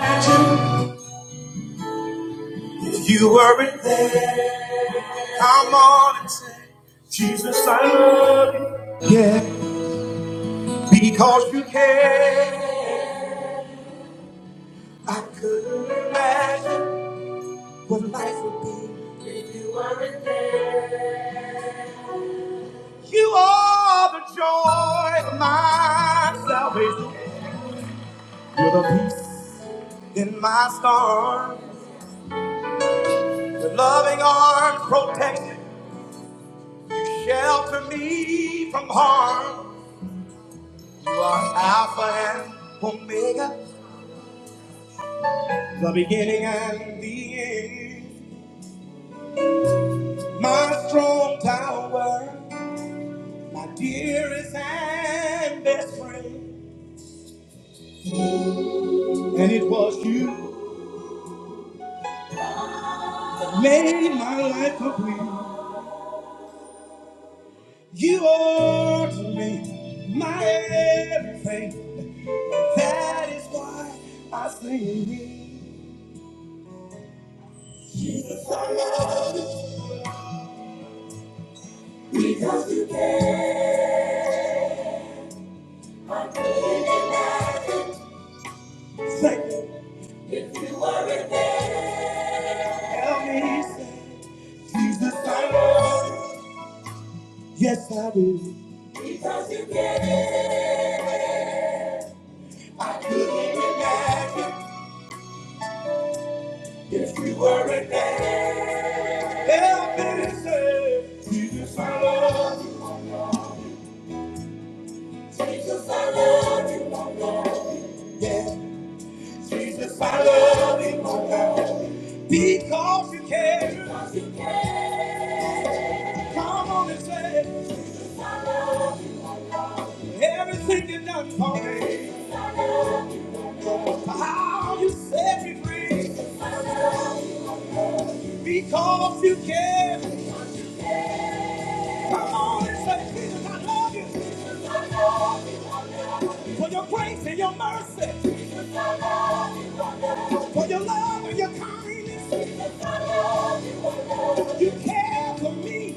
If you weren't there, come on and say, Jesus, I love you. Yeah, because you care. I couldn't imagine what life would be. You are the joy of my salvation. You're the peace in my storm. The loving arms protect, shelter me from harm. You are Alpha and Omega. The beginning and the end, my strong tower, my dearest and best friend. And it was you that made my life complete. You are to me my everything. That is why I sing. Jesus, I love. you. Sing. Help me sing. Jesus, I love. you. Yes, I do. I couldn't imagine. If you were a man, help me say, Jesus, I love you. Yeah, Jesus, I love you, my God. Because you care, come on and say, everything you've done for me, how you set me free. Because you care, come on and say, Jesus, I love you. For your grace and your mercy, for your love and your kindness, you care for me.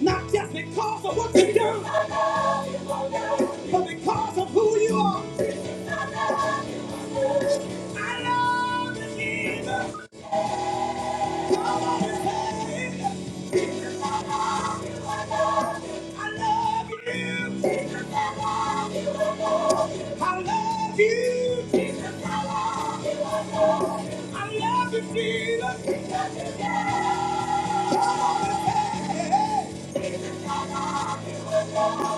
Not just because of what you do, but because of who you are. I love you, Jesus. Come on and say it. Jesus, I love you. I love you. I love you. Jesus, I love you. I love you. I love you. Jesus, I love you. I love you, Jesus. Jesus, yeah.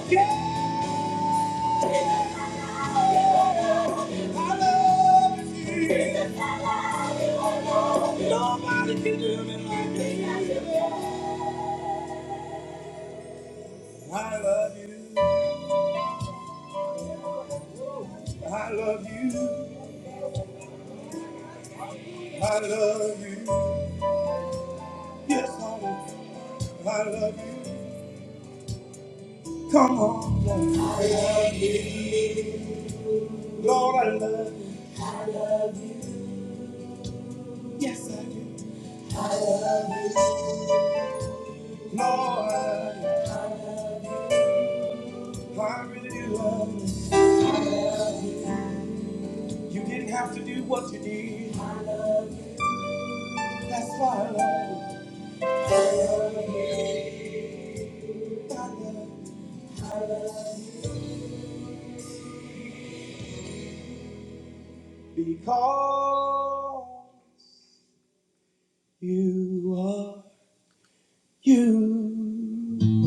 Yeah. I love you. Jesus. Nobody can do me like you. I love you. I love you. I love you. Yes, I do. I love you. Come on, Lord, Lord, I love you. Yes, I do. Lord, I love you. I really do love you. You didn't have to do what you did. I love you. That's why I love you. I love you. I love you. I love you. Because you are. you.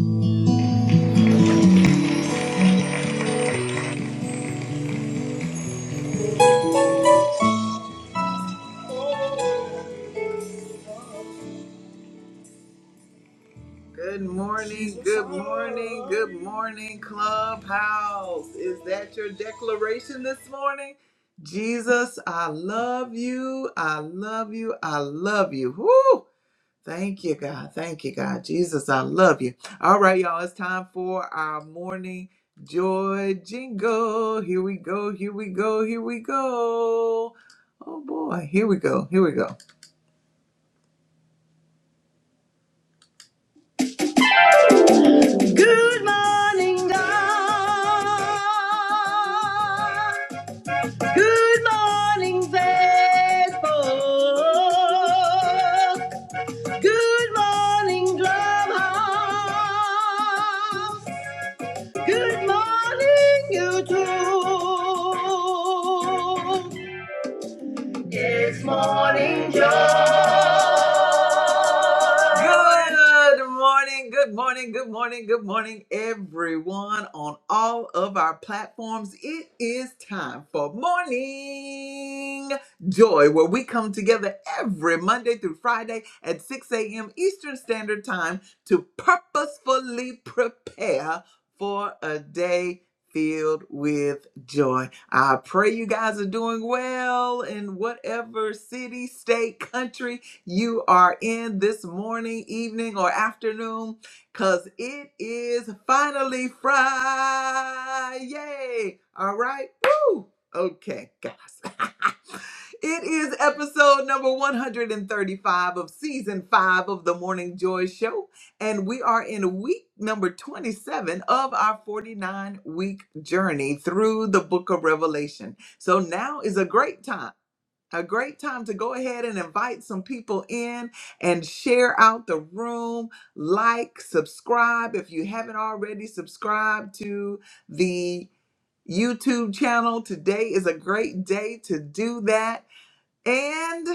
Good morning, good morning, good morning, Clubhouse. Is that your declaration this morning? Jesus, I love you. I love you. I love you. Woo! Thank you, God. Thank you, God. Jesus, I love you. All right, y'all. It's time for our morning joy jingle. Here we go. Here we go. Here we go. Oh boy. Here we go. Here we go. Good morning, God. Good morning, faithful. Good morning, Drumhouse. Good morning, you YouTube. Morning, Joe. Good morning, good morning, good morning, good morning, everyone on all of our platforms. It is time for Morning Joy, where we come together every Monday through Friday at 6 a.m. Eastern Standard Time to purposefully prepare for a day filled with joy. I pray you guys are doing well in whatever city, state, country you are in this morning, evening, or afternoon, because it is finally Friday. All right. Woo! Okay, guys. it is episode number 135 of season five of the Morning Joy Show. And we are in week number 27 of our 49 week journey through the book of Revelation. So now is a great time a great time to go ahead and invite some people in and share out the room. Like, subscribe if you haven't already subscribed to the YouTube channel. Today is a great day to do that. And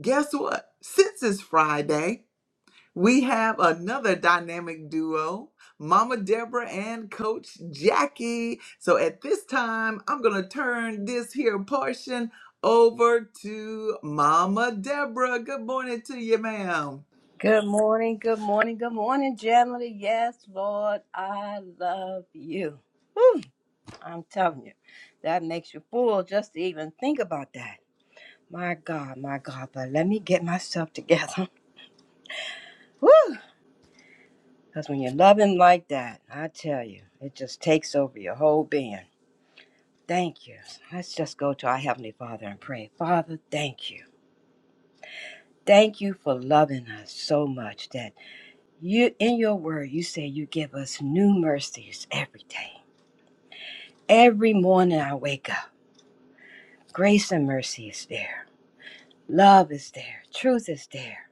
guess what? Since it's Friday, we have another dynamic duo, Mama Deborah and Coach Jackie. So at this time, I'm going to turn this here portion over to Mama Deborah. Good morning to you, ma'am. Good morning, good morning, good morning, Jamily. Yes, Lord, I love you. Whew, I'm telling you, that makes you full just to even think about that. My God, my God, but let me get myself together. Woo! Because when you love Him like that, I tell you, it just takes over your whole being. Thank you. Let's just go to our Heavenly Father and pray. Father, thank you. Thank you for loving us so much that you, in your word, you say you give us new mercies every day. Every morning I wake up, grace and mercy is there, love is there, truth is there.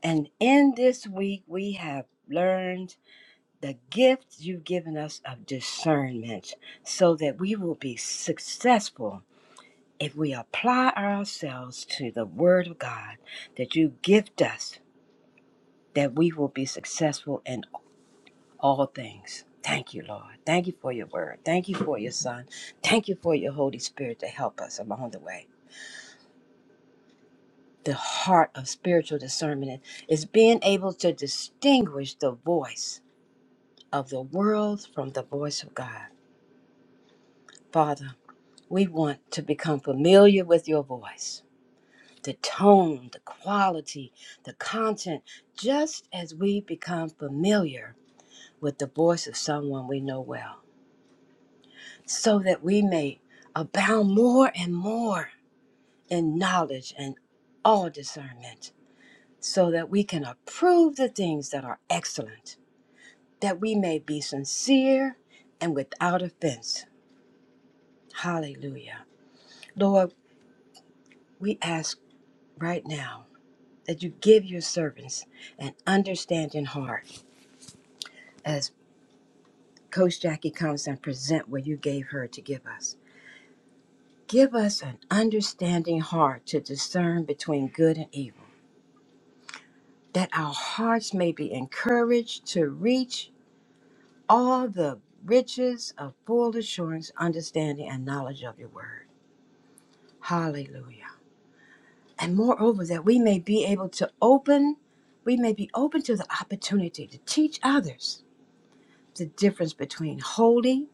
And in this week, we have learned the gift you've given us of discernment so that we will be successful if we apply ourselves to the Word of God that you gift us, that we will be successful in all things. Thank you, Lord. Thank you for your word. Thank you for your son. Thank you for your Holy Spirit to help us along the way. the heart of spiritual discernment is being able to distinguish the voice of the world from the voice of God. Father, we want to become familiar with your voice, the tone, the quality, the content, just as we become familiar with the voice of someone we know well, so that we may abound more and more in knowledge and all discernment, so that we can approve the things that are excellent that we may be sincere and without offense. Hallelujah. Lord, we ask right now that you give your servants an understanding heart as Coach Jackie comes and present what you gave her to give us. Give us an understanding heart to discern between good and evil, that our hearts may be encouraged to reach all the riches of full assurance, understanding, and knowledge of your word. Hallelujah. And moreover, that we may be able to open, we may be open to the opportunity to teach others the difference between holy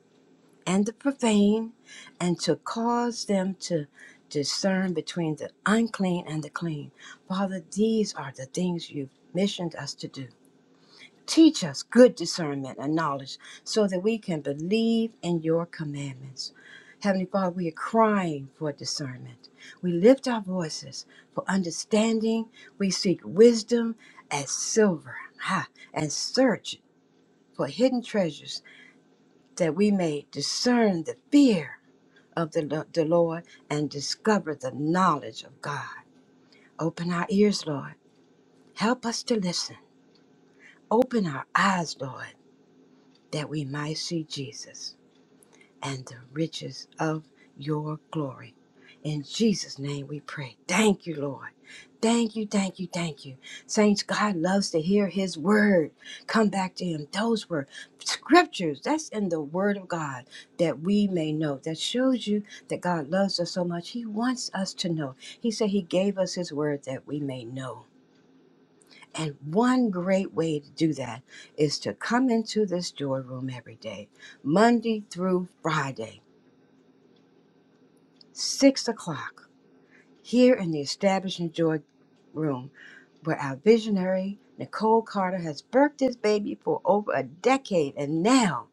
and the profane, and to cause them to discern between the unclean and the clean. Father, these are the things you've missioned us to do. Teach us good discernment and knowledge so that we can believe in your commandments. Heavenly Father, we are crying for discernment. We lift our voices for understanding. We seek wisdom as silver ha, and search for hidden treasures that we may discern the fear of the, Lo- the Lord and discover the knowledge of God. Open our ears, Lord. Help us to listen. Open our eyes, Lord, that we might see Jesus. and the riches of your glory. In Jesus' name we pray. Thank you, Lord. Thank you, thank you, thank you. Saints, God loves to hear his word. Come back to him. Those were scriptures. That's in the word of God that we may know. That shows you that God loves us so much. He wants us to know. He said he gave us his word that we may know. And one great way to do that is to come into this joy room every day, Monday through Friday six o'clock here in the Establishment Joy room, where our visionary Nicole Carter has birthed this baby for over a decade, and now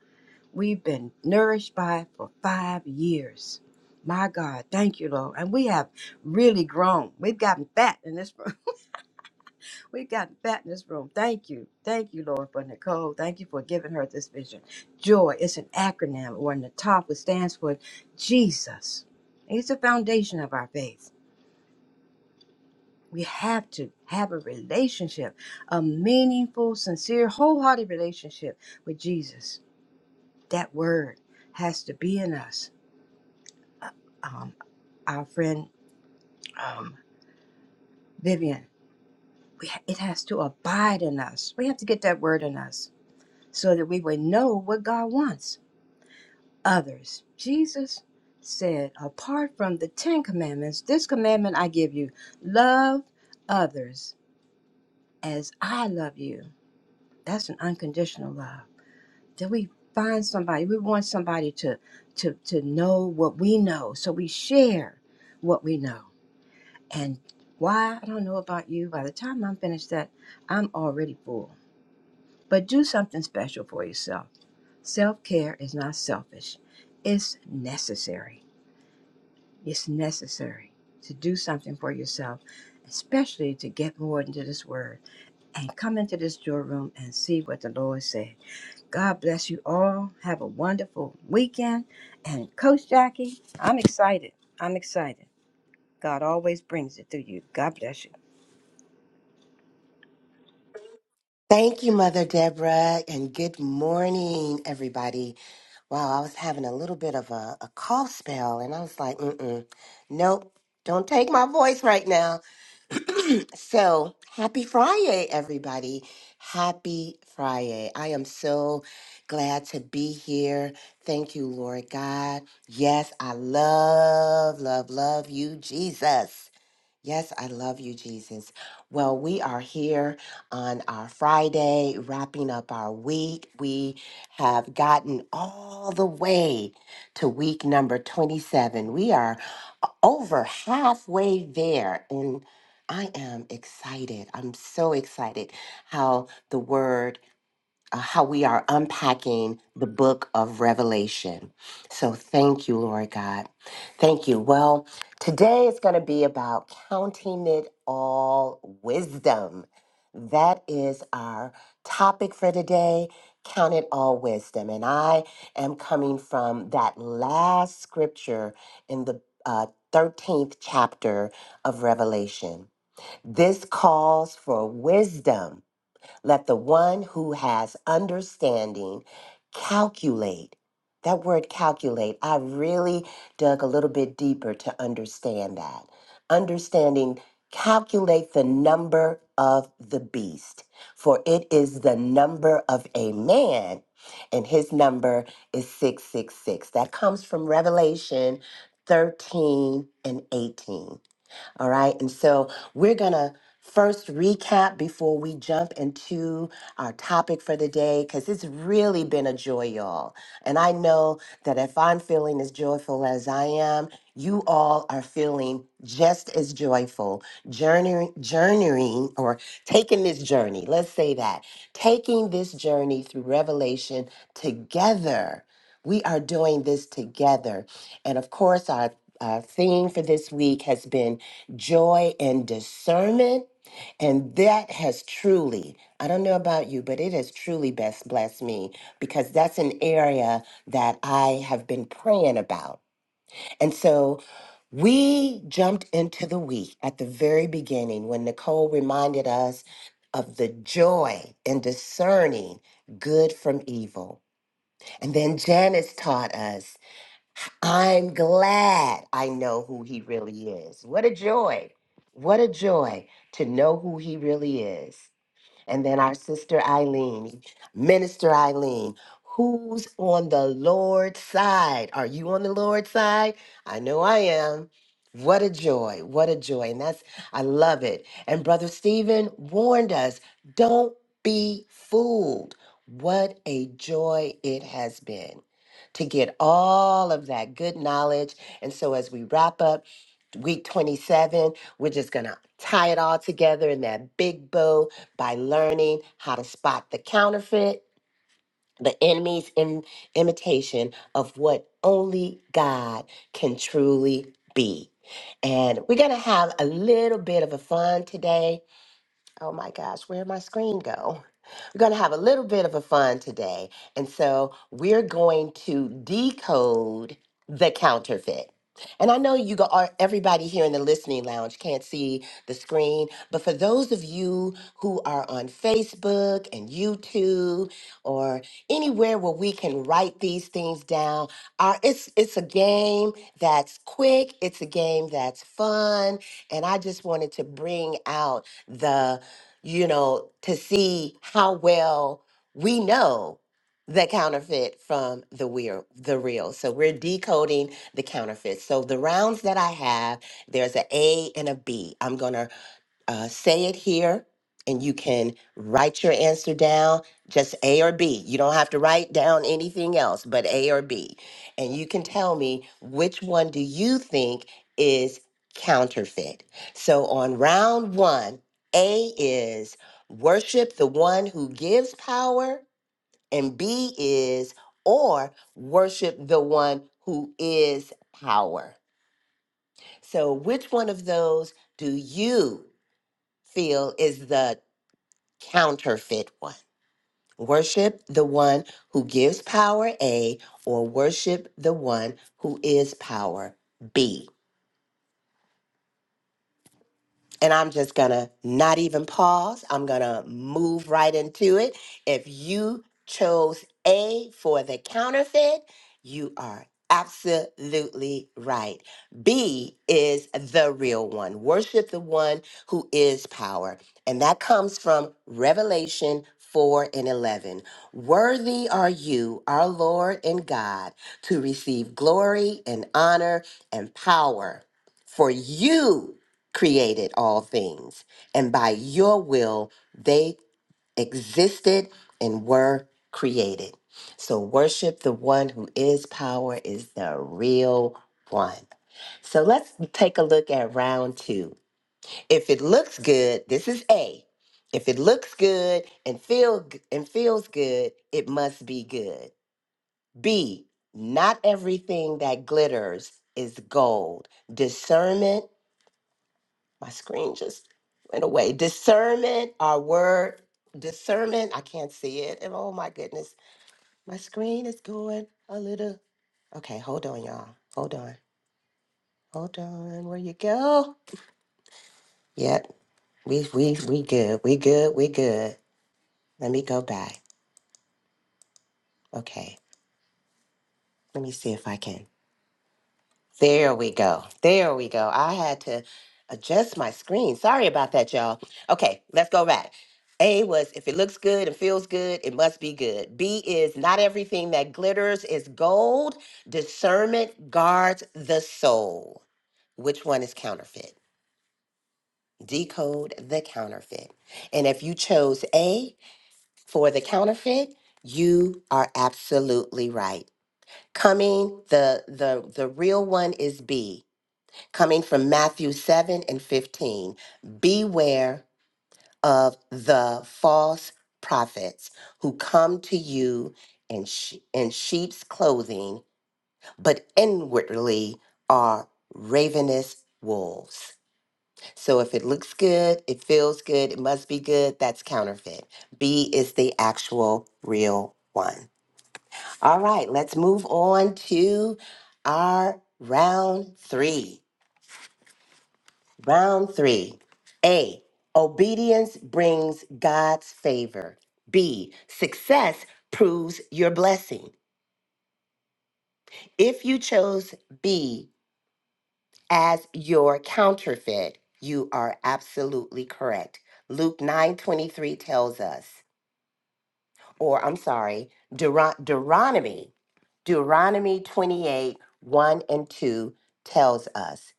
we've been nourished by it for five years. My God, thank you, Lord. And we have really grown. We've gotten fat in this room. We've gotten fat in this room. Thank you. Thank you, Lord, for Nicole. Thank you for giving her this vision. Joy is an acronym, or in the top, it stands for Jesus. It's the foundation of our faith. We have to have a relationship, a meaningful, sincere, wholehearted relationship with Jesus. That word has to be in us. Uh, Um, our friend um, Vivian, we ha- it has to abide in us. We have to get that word in us so that we would know what God wants. Others, Jesus said, apart from the Ten Commandments, this commandment I give you love others as I love you. That's an unconditional love that we find somebody we want somebody to to to know what we know so we share what we know and why i don't know about you by the time i'm finished that i'm already full but do something special for yourself self-care is not selfish it's necessary it's necessary to do something for yourself especially to get more into this word and come into this joy room and see what the lord says God bless you all. Have a wonderful weekend. And Coach Jackie, I'm excited. I'm excited. God always brings it through you. God bless you. Thank you, Mother Deborah, and good morning, everybody. Wow, I was having a little bit of a, a cough spell, and I was like, mm-mm, nope, don't take my voice right now. So, happy Friday, everybody. Happy Friday. I am so glad to be here. Thank you, Lord God. Yes, I love, love, love you, Jesus. Yes, I love you, Jesus. Well, we are here on our Friday, wrapping up our week. We have gotten all the way to week number 27. We are over halfway there, and I am excited. I'm so excited how the word uh, how we are unpacking the book of Revelation. So thank you, Lord God. Thank you. Well, today is going to be about counting it all wisdom. That is our topic for today. Count it all wisdom. And I am coming from that last scripture in the uh, 13th chapter of Revelation. This calls for wisdom let the one who has understanding calculate. That word calculate, I really dug a little bit deeper to understand that. Understanding, calculate the number of the beast, for it is the number of a man, and his number is 666. That comes from Revelation 13 and 18. All right. And so we're going to first recap before we jump into our topic for the day because it's really been a joy, y'all. And I know that if I'm feeling as joyful as I am, you all are feeling just as joyful, journeying, journeying or taking this journey. Let's say that taking this journey through Revelation together. We are doing this together. And of course, our, our theme for this week has been joy and discernment. And that has truly, I don't know about you, but it has truly best blessed me because that's an area that I have been praying about. And so we jumped into the week at the very beginning when Nicole reminded us of the joy in discerning good from evil. And then Janice taught us I'm glad I know who he really is. What a joy. What a joy to know who he really is. And then our sister Eileen, Minister Eileen, who's on the Lord's side? Are you on the Lord's side? I know I am. What a joy. What a joy. And that's, I love it. And Brother Stephen warned us don't be fooled. What a joy it has been to get all of that good knowledge. And so as we wrap up, week 27, we're just going to tie it all together in that big bow by learning how to spot the counterfeit, the enemy's im- imitation of what only God can truly be. And we're going to have a little bit of a fun today Oh my gosh, where'd my screen go? We're going to have a little bit of a fun today. And so we're going to decode the counterfeit. And I know you go- are everybody here in the listening lounge can't see the screen, but for those of you who are on Facebook and YouTube or anywhere where we can write these things down, our, it's it's a game that's quick, it's a game that's fun, and I just wanted to bring out the you know, to see how well we know the counterfeit from the real, the real. So we're decoding the counterfeit. So the rounds that I have, there's a A and a B. I'm gonna uh, say it here and you can write your answer down just a or b you don't have to write down anything else but a or b and you can tell me which one do you think is counterfeit so on round one a is worship the one who gives power and b is or worship the one who is power so which one of those do you feel is the counterfeit one. Worship the one who gives power A or worship the one who is power B. And I'm just going to not even pause. I'm going to move right into it. If you chose A for the counterfeit, you are absolutely right. B is the real one. Worship the one who is power. And that comes from Revelation 4 and 11. Worthy are you, our Lord and God, to receive glory and honor and power. For you created all things, and by your will they existed and were created. So worship the one who is power is the real one. So let's take a look at round two. If it looks good, this is A. If it looks good and feel g- and feels good, it must be good. B. Not everything that glitters is gold. Discernment my screen just went away. Discernment, our word, discernment. I can't see it. And oh my goodness, my screen is going a little. Okay, hold on, y'all. Hold on. Hold on. Where you go? Yep, we we we good. We good. We good. Let me go back. Okay, let me see if I can. There we go. There we go. I had to adjust my screen. Sorry about that, y'all. Okay, let's go back. A was if it looks good and feels good, it must be good. B is not everything that glitters is gold. Discernment guards the soul. Which one is counterfeit? Decode the counterfeit. And if you chose A for the counterfeit, you are absolutely right. Coming, the the the real one is B coming from Matthew 7 and 15. Beware of the false prophets who come to you in, she- in sheep's clothing, but inwardly are ravenous wolves. So if it looks good, it feels good, it must be good, that's counterfeit. B is the actual real one. All right, let's move on to our round three. Round three A. Obedience brings God's favor. B. Success proves your blessing. If you chose B as your counterfeit, you are absolutely correct. Luke 9 23 tells us, or I'm sorry, Deut- Deuteronomy, Deuteronomy 28 1 and 2 tells us.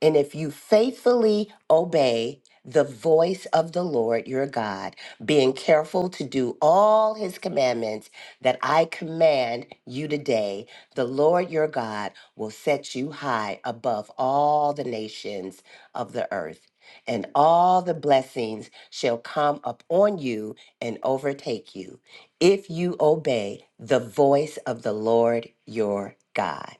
And if you faithfully obey the voice of the Lord your God, being careful to do all his commandments that I command you today, the Lord your God will set you high above all the nations of the earth. And all the blessings shall come upon you and overtake you if you obey the voice of the Lord your God.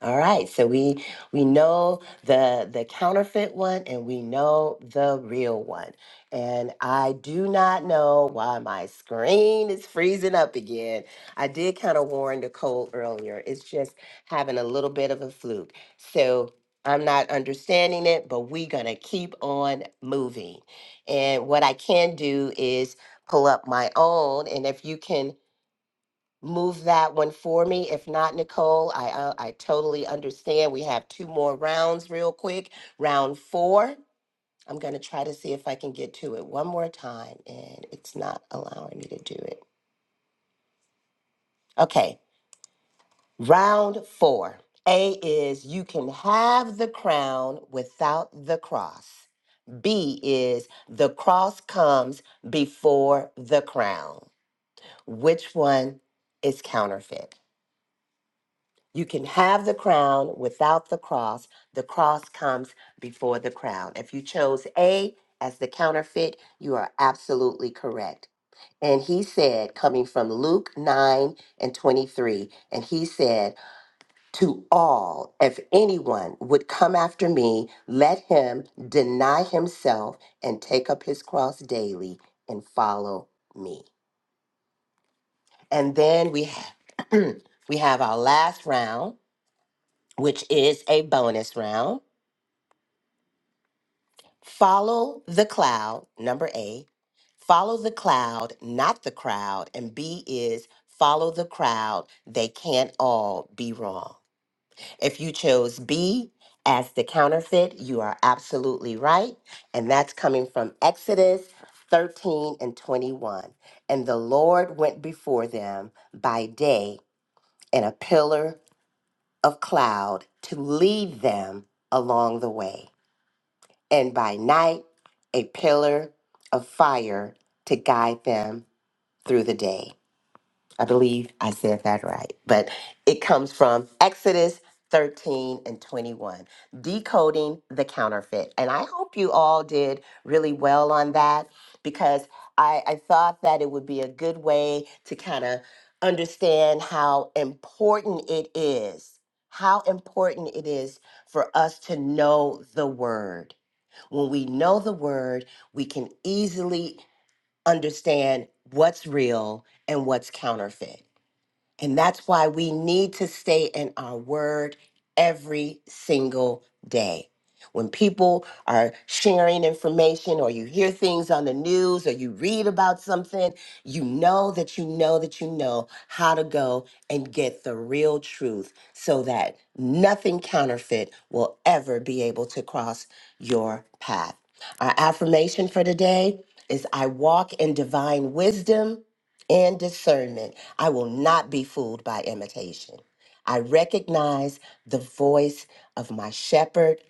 All right, so we we know the the counterfeit one and we know the real one. And I do not know why my screen is freezing up again. I did kind of warn Nicole earlier. It's just having a little bit of a fluke. So I'm not understanding it, but we're gonna keep on moving. And what I can do is pull up my own. And if you can move that one for me. If not, Nicole, I uh, I totally understand. We have two more rounds, real quick. Round four. I'm gonna try to see if I can get to it one more time, and it's not allowing me to do it. Okay, round four. A is you can have the crown without the cross. B is the cross comes before the crown. Which one is counterfeit? You can have the crown without the cross. The cross comes before the crown. If you chose A as the counterfeit, you are absolutely correct. And he said, coming from Luke 9 and 23, and he said, To all, if anyone would come after me, let him deny himself and take up his cross daily and follow me. And then we have, we have our last round which is a bonus round. Follow the cloud, number A. Follow the cloud, not the crowd. And B is follow the crowd. They can't all be wrong. If you chose B as the counterfeit, you are absolutely right. And that's coming from Exodus 13 and 21. And the Lord went before them by day in a pillar of cloud to lead them along the way and by night a pillar of fire to guide them through the day. I believe I said that right, but it comes from Exodus 13 and 21, decoding the counterfeit. And I hope you all did really well on that because I, I thought that it would be a good way to kind of understand how important it is, how important it is for us to know the word when we know the word, we can easily understand what's real and what's counterfeit. And that's why we need to stay in our word every single day. When people are sharing information, or you hear things on the news, or you read about something, you know that you know that you know how to go and get the real truth so that nothing counterfeit will ever be able to cross your path. Our affirmation for today is I walk in divine wisdom and discernment. I will not be fooled by imitation. I recognize the voice of my shepherd,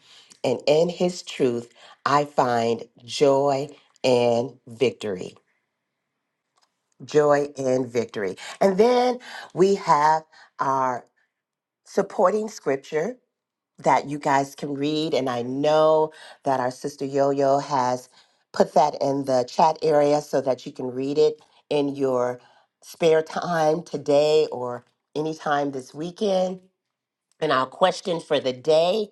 and in his truth, I find joy and victory. Joy and victory. And then we have our supporting scripture that you guys can read. And I know that our sister Yo Yo has put that in the chat area so that you can read it in your spare time today or anytime this weekend. And our question for the day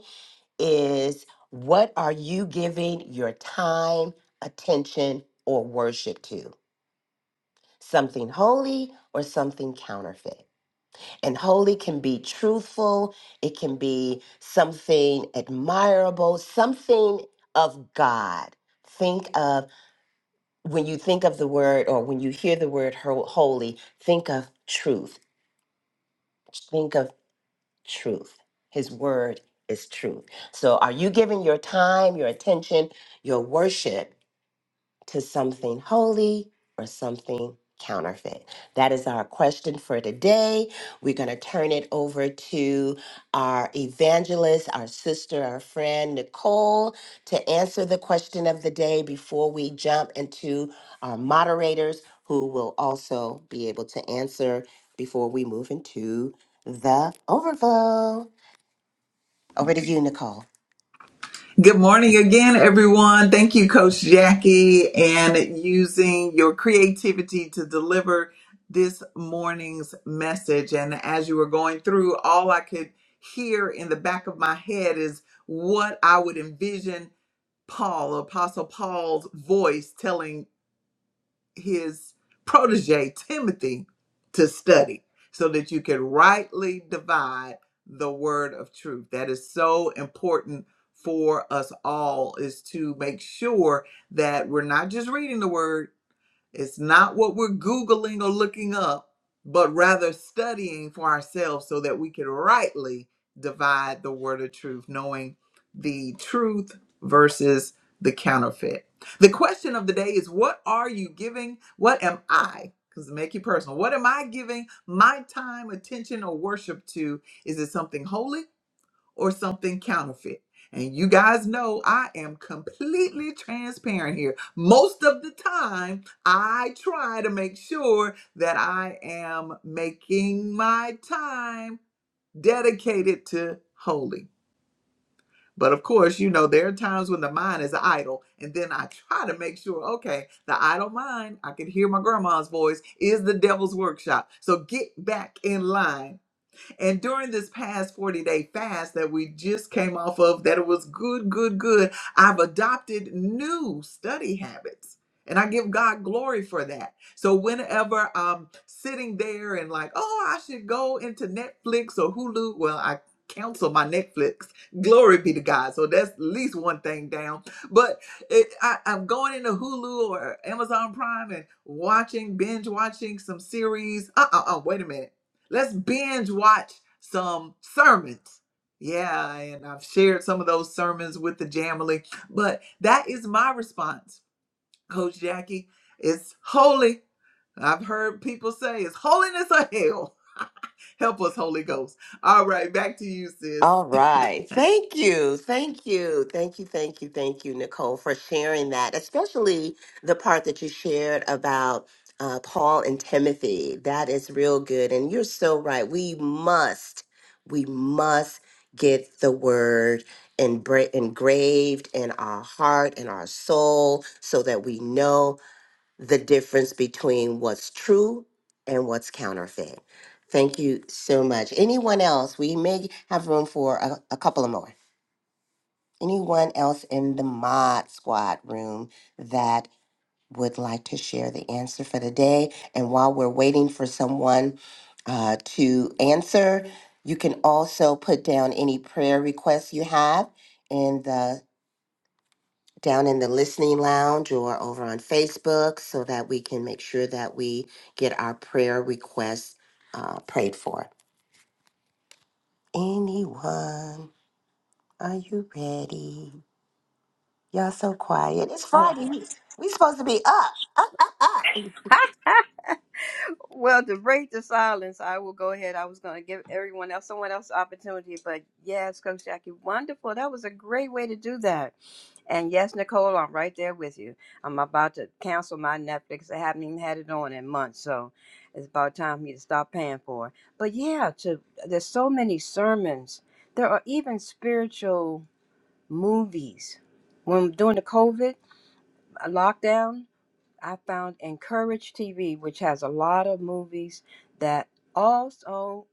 is What are you giving your time, attention, or worship to? Something holy or something counterfeit? And holy can be truthful, it can be something admirable, something of God. Think of when you think of the word or when you hear the word ho- holy, think of truth. Think of truth. His word is truth. So, are you giving your time, your attention, your worship? to something holy or something counterfeit? That is our question for today. We're going to turn it over to our evangelist, our sister, our friend, Nicole, to answer the question of the day before we jump into our moderators who will also be able to answer before we move into the overflow. Over to you, Nicole. Good morning again, everyone. Thank you, Coach Jackie, and using your creativity to deliver this morning's message. And as you were going through, all I could hear in the back of my head is what I would envision Paul, Apostle Paul's voice telling his protege, Timothy, to study so that you can rightly divide the word of truth. That is so important for us all is to make sure that we're not just reading the word it's not what we're Googling or looking up, but rather studying for ourselves so that we can rightly divide the word of truth, knowing the truth versus the counterfeit. The question of the day is what are you giving? What am I? Because make it personal. What am I giving my time, attention, or worship to? Is it something holy? or something counterfeit. And you guys know I am completely transparent here. Most of the time, I try to make sure that I am making my time dedicated to holy. But of course, you know, there are times when the mind is idle, and then I try to make sure okay, the idle mind, I could hear my grandma's voice, is the devil's workshop. So get back in line and during this past 40 day fast that we just came off of, that it was good, good, good, I've adopted new study habits. And I give God glory for that. So whenever I'm sitting there and like, oh, I should go into Netflix or Hulu, well, I cancel my Netflix. Glory be to God. So that's at least one thing down. But it, I, I'm going into Hulu or Amazon Prime and watching, binge watching some series. Uh uh uh, wait a minute. Let's binge watch some sermons. Yeah, and I've shared some of those sermons with the Jamily, but that is my response, Coach Jackie. It's holy. I've heard people say it's holiness or hell. Help us, Holy Ghost. All right, back to you, sis. All right. Thank you. Thank you. Thank you. Thank you. Thank you, Nicole, for sharing that, especially the part that you shared about uh, Paul and Timothy. That is real good. And you're so right. We must, we must get the word embra- engraved in our heart and our soul so that we know the difference between what's true and what's counterfeit. Thank you so much. Anyone else? We may have room for a, a couple of more. Anyone else in the mod squad room that would like to share the answer for the day? And while we're waiting for someone uh, to answer, you can also put down any prayer requests you have in the down in the listening lounge or over on Facebook so that we can make sure that we get our prayer requests uh, prayed for. Anyone, are you ready? Y'all so quiet. It's All right. Friday. We we supposed to be up. Up, up, up. Well, to break the silence, I will go ahead. I was going to give everyone else, someone else, opportunity, but yes, Coach Jackie, wonderful. That was a great way to do that. And yes, Nicole, I'm right there with you. I'm about to cancel my Netflix. I haven't even had it on in months, so it's about time for me to stop paying for it. But yeah, to there's so many sermons. There are even spiritual movies. When during the COVID lockdown, I found Encourage TV, which has a lot of movies that also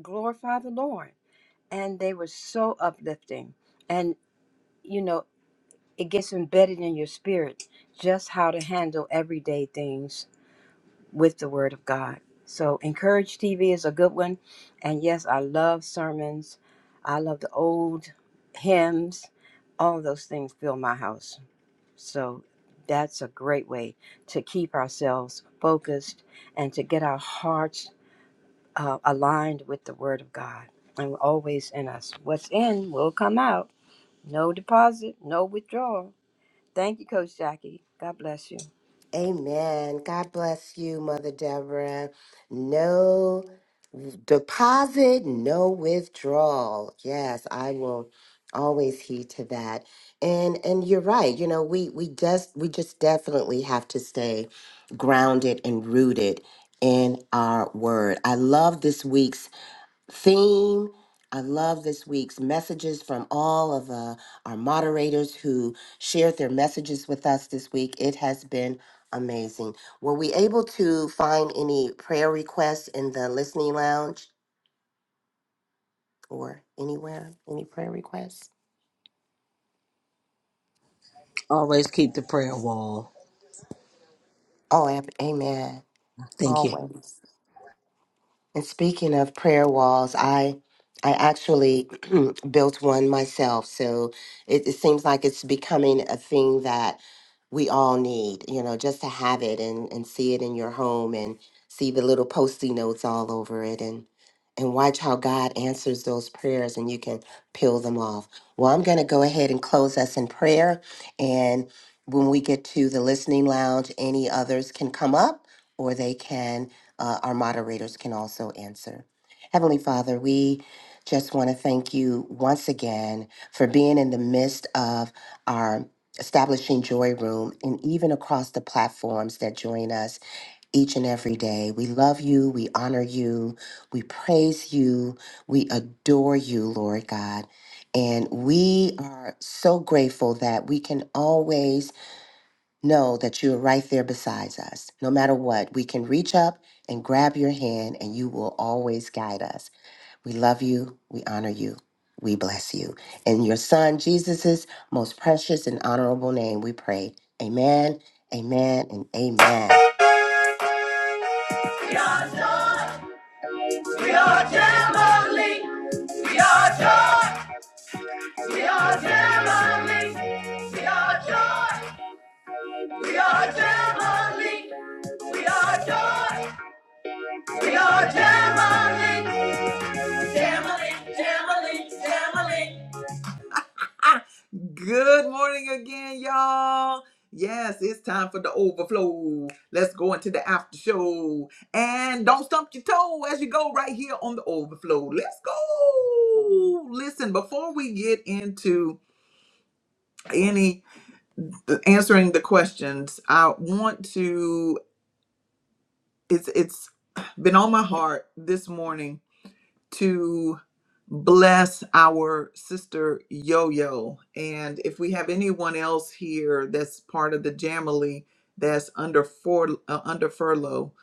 glorify the Lord. And they were so uplifting. And, you know, it gets embedded in your spirit just how to handle everyday things with the Word of God. So, Encourage TV is a good one. And yes, I love sermons, I love the old hymns. All those things fill my house. So that's a great way to keep ourselves focused and to get our hearts uh, aligned with the Word of God. And always in us. What's in will come out. No deposit, no withdrawal. Thank you, Coach Jackie. God bless you. Amen. God bless you, Mother Deborah. No deposit, no withdrawal. Yes, I will always heed to that. And and you're right. You know, we we just we just definitely have to stay grounded and rooted in our word. I love this week's theme. I love this week's messages from all of uh, our moderators who shared their messages with us this week. It has been amazing. Were we able to find any prayer requests in the listening lounge or anywhere? Any prayer requests? Always keep the prayer wall. Oh, ab- amen. Thank you. Always. And speaking of prayer walls, I I actually built one myself. So it, it seems like it's becoming a thing that we all need, you know, just to have it and, and see it in your home and see the little post-it notes all over it and and watch how God answers those prayers and you can peel them off. Well, I'm gonna go ahead and close us in prayer. And when we get to the listening lounge, any others can come up or they can uh, our moderators can also answer. Heavenly Father, we just want to thank you once again for being in the midst of our establishing joy room and even across the platforms that join us each and every day. We love you, we honor you, we praise you, we adore you, Lord God. And we are so grateful that we can always Know that you are right there beside us. No matter what, we can reach up and grab your hand, and you will always guide us. We love you. We honor you. We bless you. In your Son, Jesus' most precious and honorable name, we pray. Amen, amen, and amen. We are joy. We are Jamily. We are joy. We are Jamily. We are joy. We are Jamali. We are joy. We are Jamali. Jamali, Jamali, Jamali. Ah, good morning again, y'all. Yes, it's time for the overflow. Let's go into the after show. And don't stump your toe as you go right here on the overflow. Let's go. Listen, before we get into any answering the questions, I want to it's it's been on my heart this morning to bless our sister yo-yo and if we have anyone else here that's part of the jamily that's under for uh, under furlough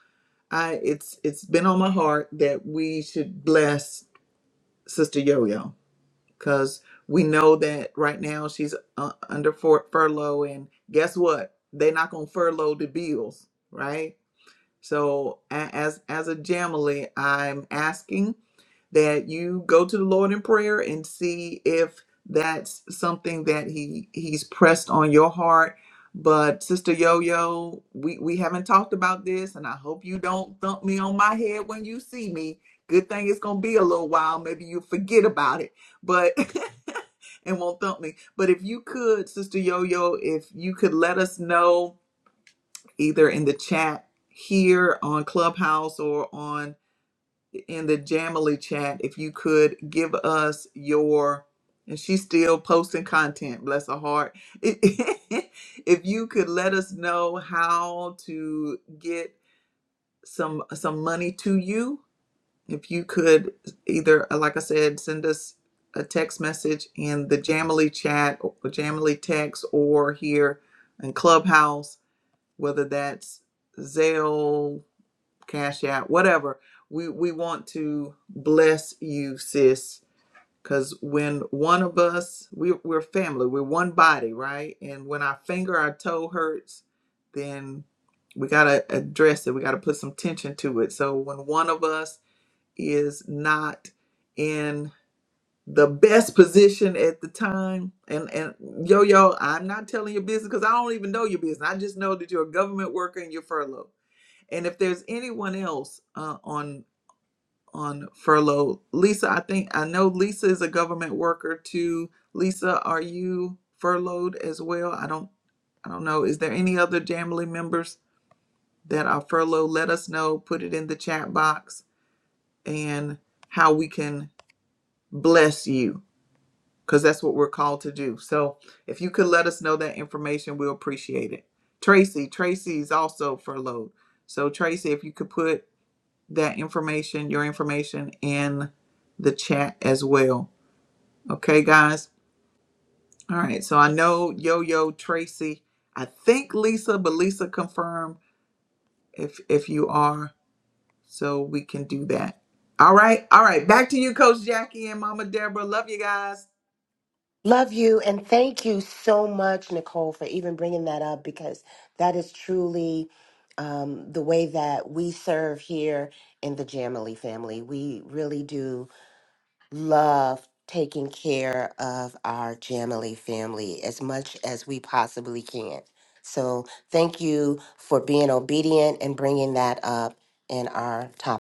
i it's it's been on my heart that we should bless sister yo-yo because we know that right now she's uh, under for, furlough and guess what they're not gonna furlough the bills right so as as a Jamily, I'm asking that you go to the Lord in prayer and see if that's something that he he's pressed on your heart. But Sister Yo-Yo, we we haven't talked about this, and I hope you don't thump me on my head when you see me. Good thing it's gonna be a little while. Maybe you forget about it, but and won't thump me. But if you could, Sister Yo-Yo, if you could let us know either in the chat here on Clubhouse or on in the Jamily chat, if you could give us your and she's still posting content, bless her heart. if you could let us know how to get some some money to you, if you could either uh, like I said, send us a text message in the Jamily chat or Jamily text or here in Clubhouse, whether that's Zelle Cash App, whatever. We we want to bless you, sis, because when one of us, we we're family, we're one body, right? And when our finger, our toe hurts, then we gotta address it. We gotta put some tension to it. So when one of us is not in the best position at the time, and and yo yo, I'm not telling your business because I don't even know your business. I just know that you're a government worker and you're furloughed and if there's anyone else uh, on on furlough, Lisa, I think I know Lisa is a government worker too. Lisa, are you furloughed as well? I don't I don't know. Is there any other Jamily members that are furloughed? Let us know. Put it in the chat box and how we can bless you because that's what we're called to do. So if you could let us know that information, we'll appreciate it. Tracy, Tracy's also furloughed. So Tracy, if you could put that information, your information in the chat as well. Okay, guys. All right. So I know Yo Yo Tracy. I think Lisa, but Lisa confirm if if you are, so we can do that. All right. All right. Back to you, Coach Jackie and Mama Deborah. Love you guys. Love you. And thank you so much, Nicole, for even bringing that up because that is truly um, the way that we serve here in the Jamily family. We really do love taking care of our Jamily family as much as we possibly can. So thank you for being obedient and bringing that up in our topic.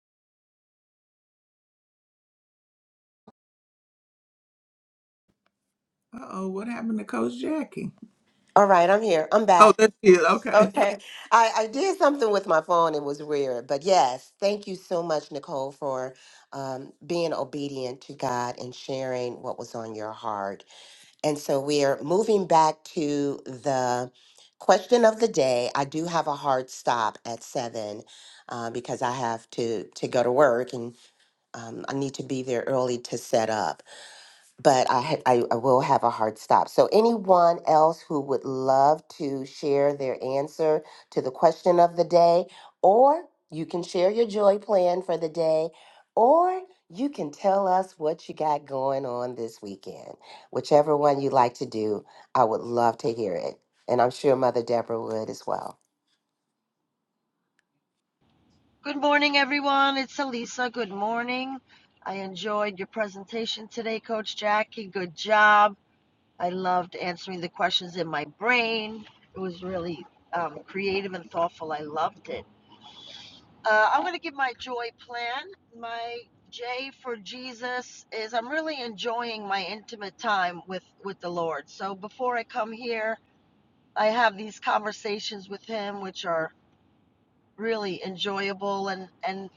Uh oh, what happened to Coach Jackie? All right, I'm here. I'm Oh, back. that's it. Okay. Okay. I, I did something with my phone. It was weird. But yes, thank you so much, Nicole, for um, being obedient to God and sharing what was on your heart And so we are moving back to the question of the day. I do have a hard stop at seven uh, because I have to to go to work and um, I need to be there early to set up but I, had, I I will have a hard stop. So anyone else who would love to share their answer to the question of the day, or you can share your joy plan for the day, or you can tell us what you got going on this weekend. Whichever one you like to do, I would love to hear it. And I'm sure Mother Deborah would as well. Good morning, everyone. It's Elisa. Good morning. I enjoyed your presentation today, Coach Jackie. Good job. I loved answering the questions in my brain. It was really um, creative and thoughtful. I loved it. Uh, I'm going to give my joy plan. My J for Jesus is I'm really enjoying my intimate time with, with the Lord. So before I come here, I have these conversations with Him, which are really enjoyable and, and,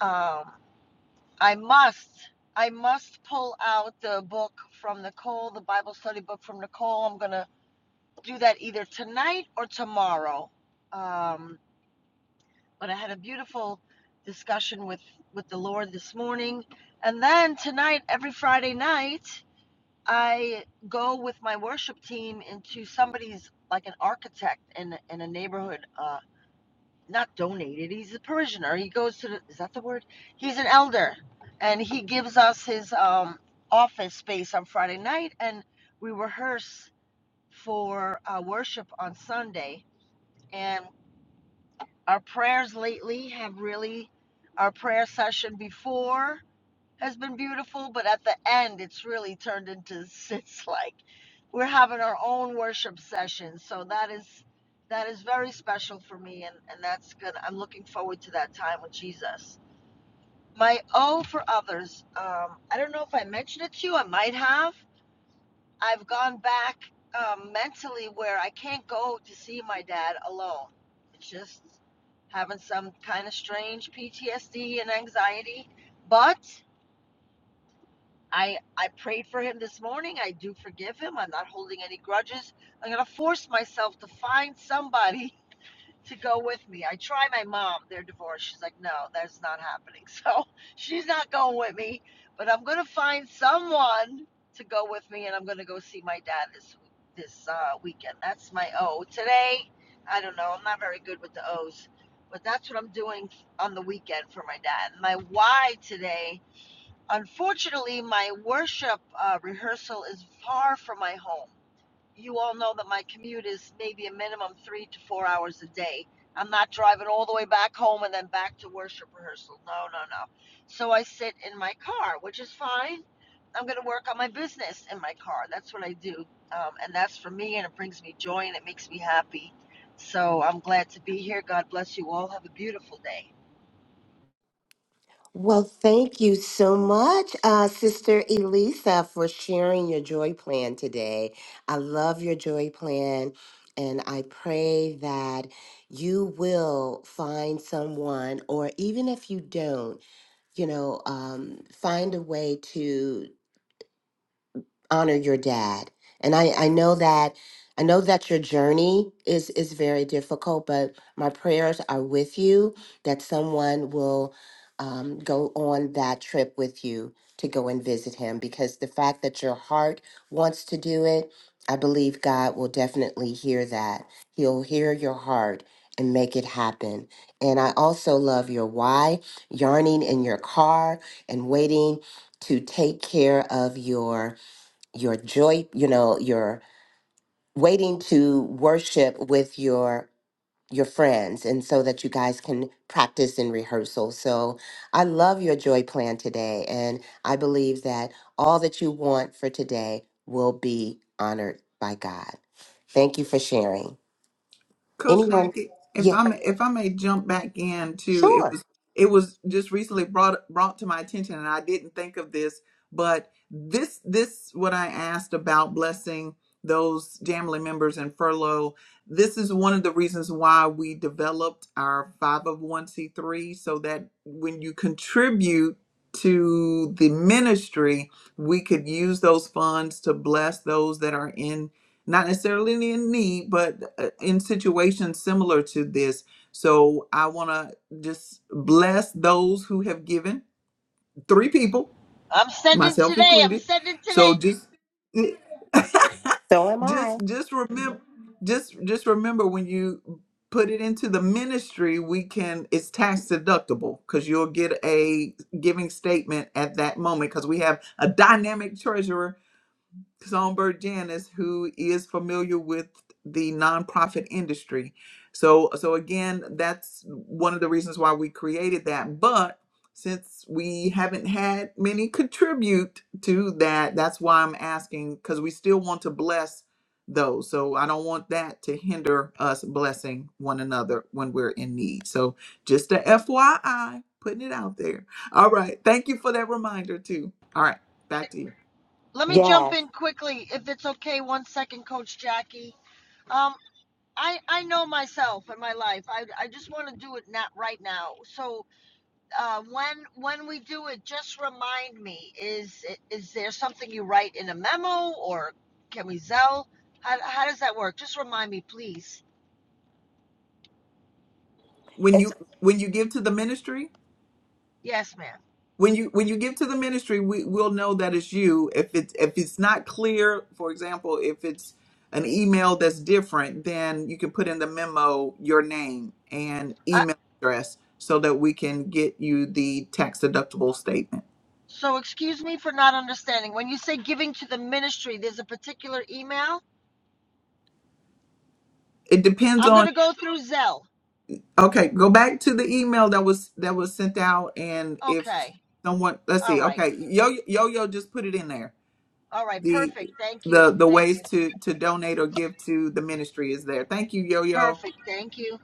um, I must. I must pull out the book from Nicole, the Bible study book from Nicole. I'm going to do that either tonight or tomorrow. Um, but I had a beautiful discussion with, with the Lord this morning. And then tonight, every Friday night, I go with my worship team into somebody's, like an architect in, in a neighborhood uh, not donated. He's a parishioner. He goes to the, is that the word? He's an elder, and he gives us his um, office space on Friday night, and we rehearse for uh, worship on Sunday. And our prayers lately have really, our prayer session before has been beautiful, but at the end, it's really turned into it's like we're having our own worship session. So that is that is very special for me, and and that's good. I'm looking forward to that time with Jesus. My O for others. Um, I don't know if I mentioned it to you. I might have. I've gone back um, mentally where I can't go to see my dad alone. It's just having some kind of strange PTSD and anxiety, but I I prayed for him this morning. I do forgive him. I'm not holding any grudges. I'm gonna force myself to find somebody to go with me. I try my mom. They're divorced. She's like, no, that's not happening. So she's not going with me. But I'm gonna find someone to go with me, and I'm gonna go see my dad this this uh, weekend. That's my O. Today, I don't know. I'm not very good with the O's, but that's what I'm doing on the weekend for my dad. My Y today Unfortunately, my worship uh, rehearsal is far from my home. You all know that my commute is maybe a minimum three to four hours a day. I'm not driving all the way back home and then back to worship rehearsal. No, no, no. So I sit in my car, which is fine. I'm going to work on my business in my car. That's what I do. Um, and that's for me, and it brings me joy and it makes me happy. So I'm glad to be here. God bless you all. Have a beautiful day. Well, thank you so much, uh, Sister Elisa, for sharing your joy plan today. I love your joy plan, and I pray that you will find someone, or even if you don't, you know, um, find a way to honor your dad. And I, I know that I know that your journey is is very difficult, but my prayers are with you that someone will um, go on that trip with you to go and visit him because the fact that your heart wants to do it, I believe God will definitely hear that. He'll hear your heart and make it happen. And I also love your why, yarning in your car and waiting to take care of your your joy you know your waiting to worship with your your friends and so that you guys can practice in rehearsal so i love your joy plan today and i believe that all that you want for today will be honored by god thank you for sharing Coach anyone Jackie, if yeah I'm if I may jump back in to it sure was it was just recently brought brought to my attention and I didn't think of this, but this this what I asked about blessing those Jamley members and furlough. This is one of the reasons why we developed our 501c3 so that when you contribute to the ministry, we could use those funds to bless those that are in not necessarily in need, but uh, in situations similar to this. So I want to just bless those who have given, three people, I'm sending myself today. I'm included. sending So today. just so am i just just remember just just remember when you put it into the ministry, we can it's tax deductible cuz you'll get a giving statement at that moment cuz we have a dynamic treasurer Songbird Janice, who is familiar with the nonprofit industry. So, so again, that's one of the reasons why we created that. But since we haven't had many contribute to that, that's why I'm asking because we still want to bless those. So I don't want that to hinder us blessing one another when we're in need. So just a FYI, putting it out there. All right. Thank you for that reminder too. All right. Back to you. Let me yeah jump in quickly, if it's okay. One second, Coach Jackie. Um, I I know myself and my life. I I just want to do it not right now. So uh, when when we do it, just remind me. Is is there something you write in a memo, or can we Zell? How how does that work? Just remind me, please. when you when you give to the ministry Yes, ma'am. when you when you give to the ministry we will know that it's you if it's if it's not clear for example if it's an email that's different then you can put in the memo your name and Uh, email address so that we can get you the tax deductible statement so excuse me for not understanding. When you say giving to the ministry, there's a particular email. it depends I'm on gonna go through Zell. okay go back to the email that was that was sent out and if Okay. someone let's All see right. okay yo yo yo just put it in there All right, the perfect. Thank you. the the Thank you. ways to to donate or give to the ministry is there. Thank you, Yo Yo. Perfect. Thank you.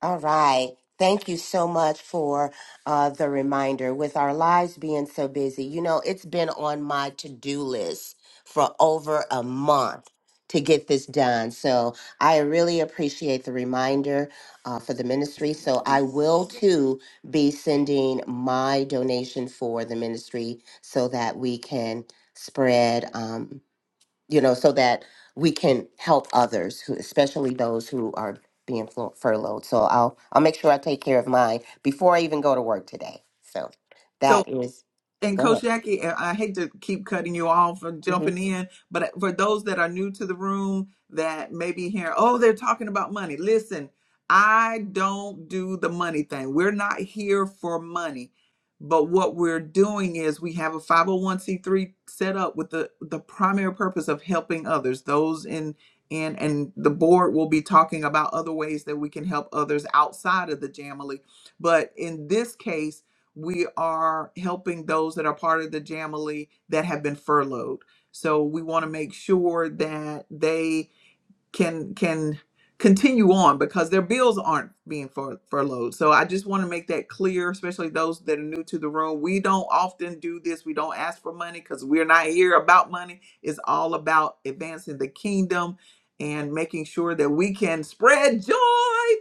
All right. Thank you so much for uh, the reminder. With our lives being so busy, you know, it's been on my to do list for over a month to get this done. So I really appreciate the reminder uh, for the ministry. So I will too be sending my donation for the ministry so that we can spread. Um, you know, so that we can help others, who, especially those who are being flo- furloughed. So I'll I'll make sure I take care of mine before I even go to work today. So So that is And go Coach ahead. Jackie, uh, I hate to keep cutting you off and hmm jumping in, but for those that are new to the room that may be hearing, oh, they're talking about money. Listen, I don't do the money thing. We're not here for money. But what we're doing is we have a 501c3 set up with the, the primary purpose of helping others, those in in and the board will be talking about other ways that we can help others outside of the Jamily. But in this case, we are helping those that are part of the Jamily that have been furloughed. So we want to make sure that they can can continue on because their bills aren't being fur- furloughed. So I just want to make that clear, especially those that are new to the room. We don't often do this. We don't ask for money because we're not here about money. It's all about advancing the kingdom and making sure that we can spread joy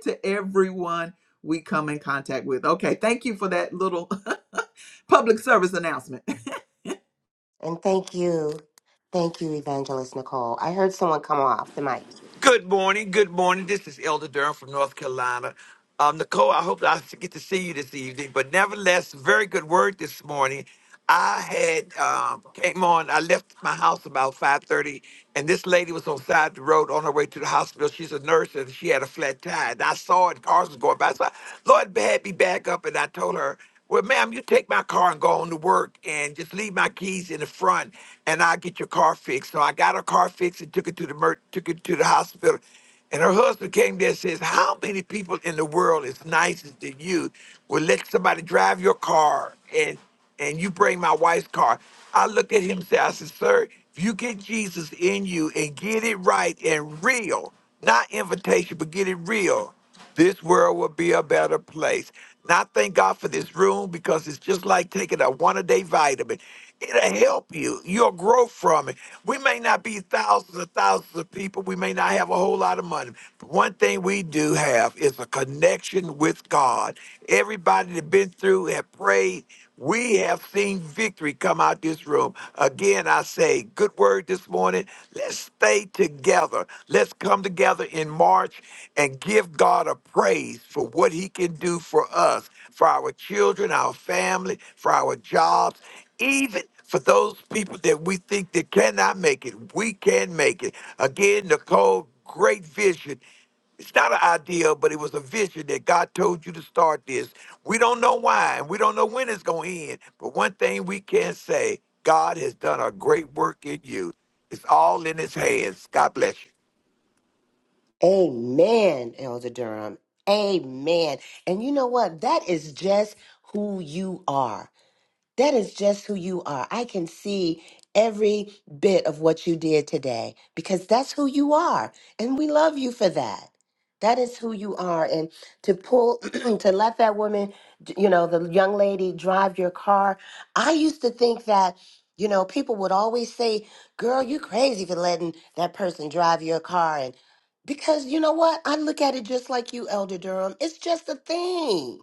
to everyone we come in contact with. Okay, thank you for that little public service announcement. And thank you, thank you, Evangelist Nicole. I heard someone come off the mic. Good morning. Good morning. This is Elder Durham from North Carolina. Um, Nicole, I hope I get to see you this evening. But nevertheless, very good word this morning. I had um, came on. I left my house about five thirty, and this lady was on side of the road on her way to the hospital. She's a nurse, and she had a flat tire. And I saw it. Cars was going by. So, I, Lord, had me back up, and I told her. Well, ma'am, you take my car and go on to work and just leave my keys in the front and I'll get your car fixed. So I got her car fixed and took it to the mer- took it to the hospital. And her husband came there and says, How many people in the world is nicer than you will let somebody drive your car and and you bring my wife's car? I looked at him and said, I said, Sir, if you get Jesus in you and get it right and real, not invitation, but get it real this world will be a better place. And I thank God for this room because it's just like taking a one a day vitamin. It'll help you. You'll grow from it. We may not be thousands and thousands of people. We may not have a whole lot of money. But one thing we do have is a connection with God. Everybody that been through have prayed. We have seen victory come out this room. Again, I say, good word this morning. Let's stay together. Let's come together in March and give God a praise for what He can do for us, for our children, our family, for our jobs, even for those people that we think that cannot make it. We can make it. Again, Nicole, great vision. It's not an idea, but it was a vision that God told you to start this. We don't know why, and we don't know when it's going to end. But one thing we can say God has done a great work in you. It's all in His hands. God bless you. Amen, Elder Durham. Amen. And you know what? That is just who you are. That is just who you are. I can see every bit of what you did today because that's who you are. And we love you for that. That is who you are. And to pull, to let that woman, you know, the young lady drive your car. I used to think that, you know, people would always say, girl, you crazy for letting that person drive your car. And because you know what? I look at it just like you, Elder Durham. It's just a thing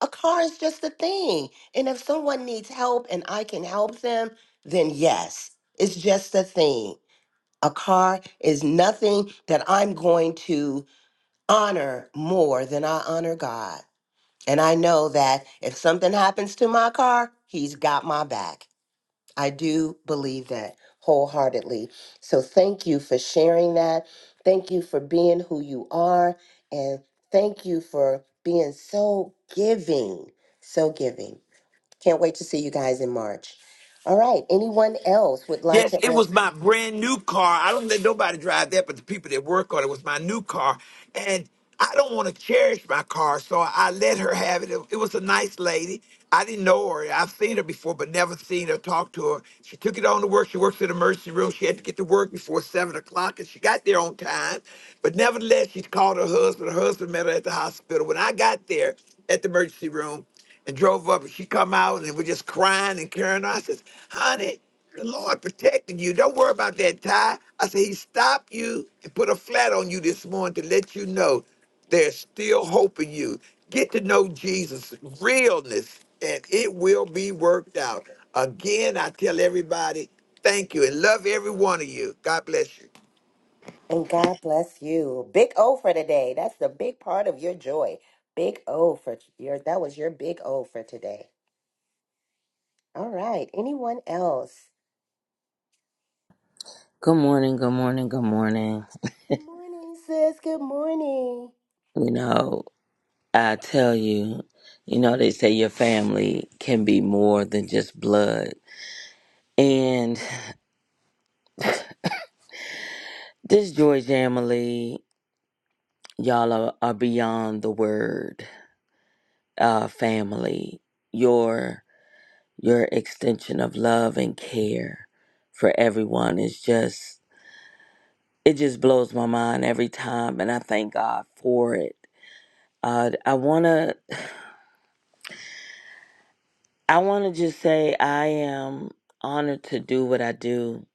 a car is just a thing. And if someone needs help and I can help them, then yes, it's just a thing. A car is nothing that I'm going to honor more than I honor God. And I know that if something happens to my car, He's got my back. I do believe that wholeheartedly. So thank you for sharing that. Thank you for being who you are. And thank you for being so giving. So giving. Can't wait to see you guys in March. All right. Anyone else would like Yes, to it ask? was my brand new car. I don't let nobody drive that, but the people that work on it was my new car, and I don't want to cherish my car, so I let her have it. It it was a nice lady. I didn't know her. I've seen her before, but never seen her, talked to her. She took it on to work. She works in the emergency room. She had to get to work before seven o'clock, and she got there on time. But nevertheless, she called her husband. Her husband met her at the hospital. When I got there at the emergency room, and drove up and she come out and we just crying and carrying on. I says, honey, the Lord protecting you. Don't worry about that tie. I said he stopped you and put a flat on you this morning to let you know there's still hope in you. Get to know Jesus, realness, and it will be worked out. Again, I tell everybody, thank you and love every one of you. God bless you. And God bless you. Big O for today. That's the big part of your joy. Big O for your, that was your big O for today. All right. Anyone else? Good morning, good morning, good morning. Good morning, sis. Good morning. You know, I tell you, you know, they say your family can be more than just blood. And this Joy Jamily, y'all are, are beyond the word uh, family. Your your extension of love and care for everyone is just it just blows my mind every time and I thank God for it. Uh, I wanna I want to just say I am honored to do what I do.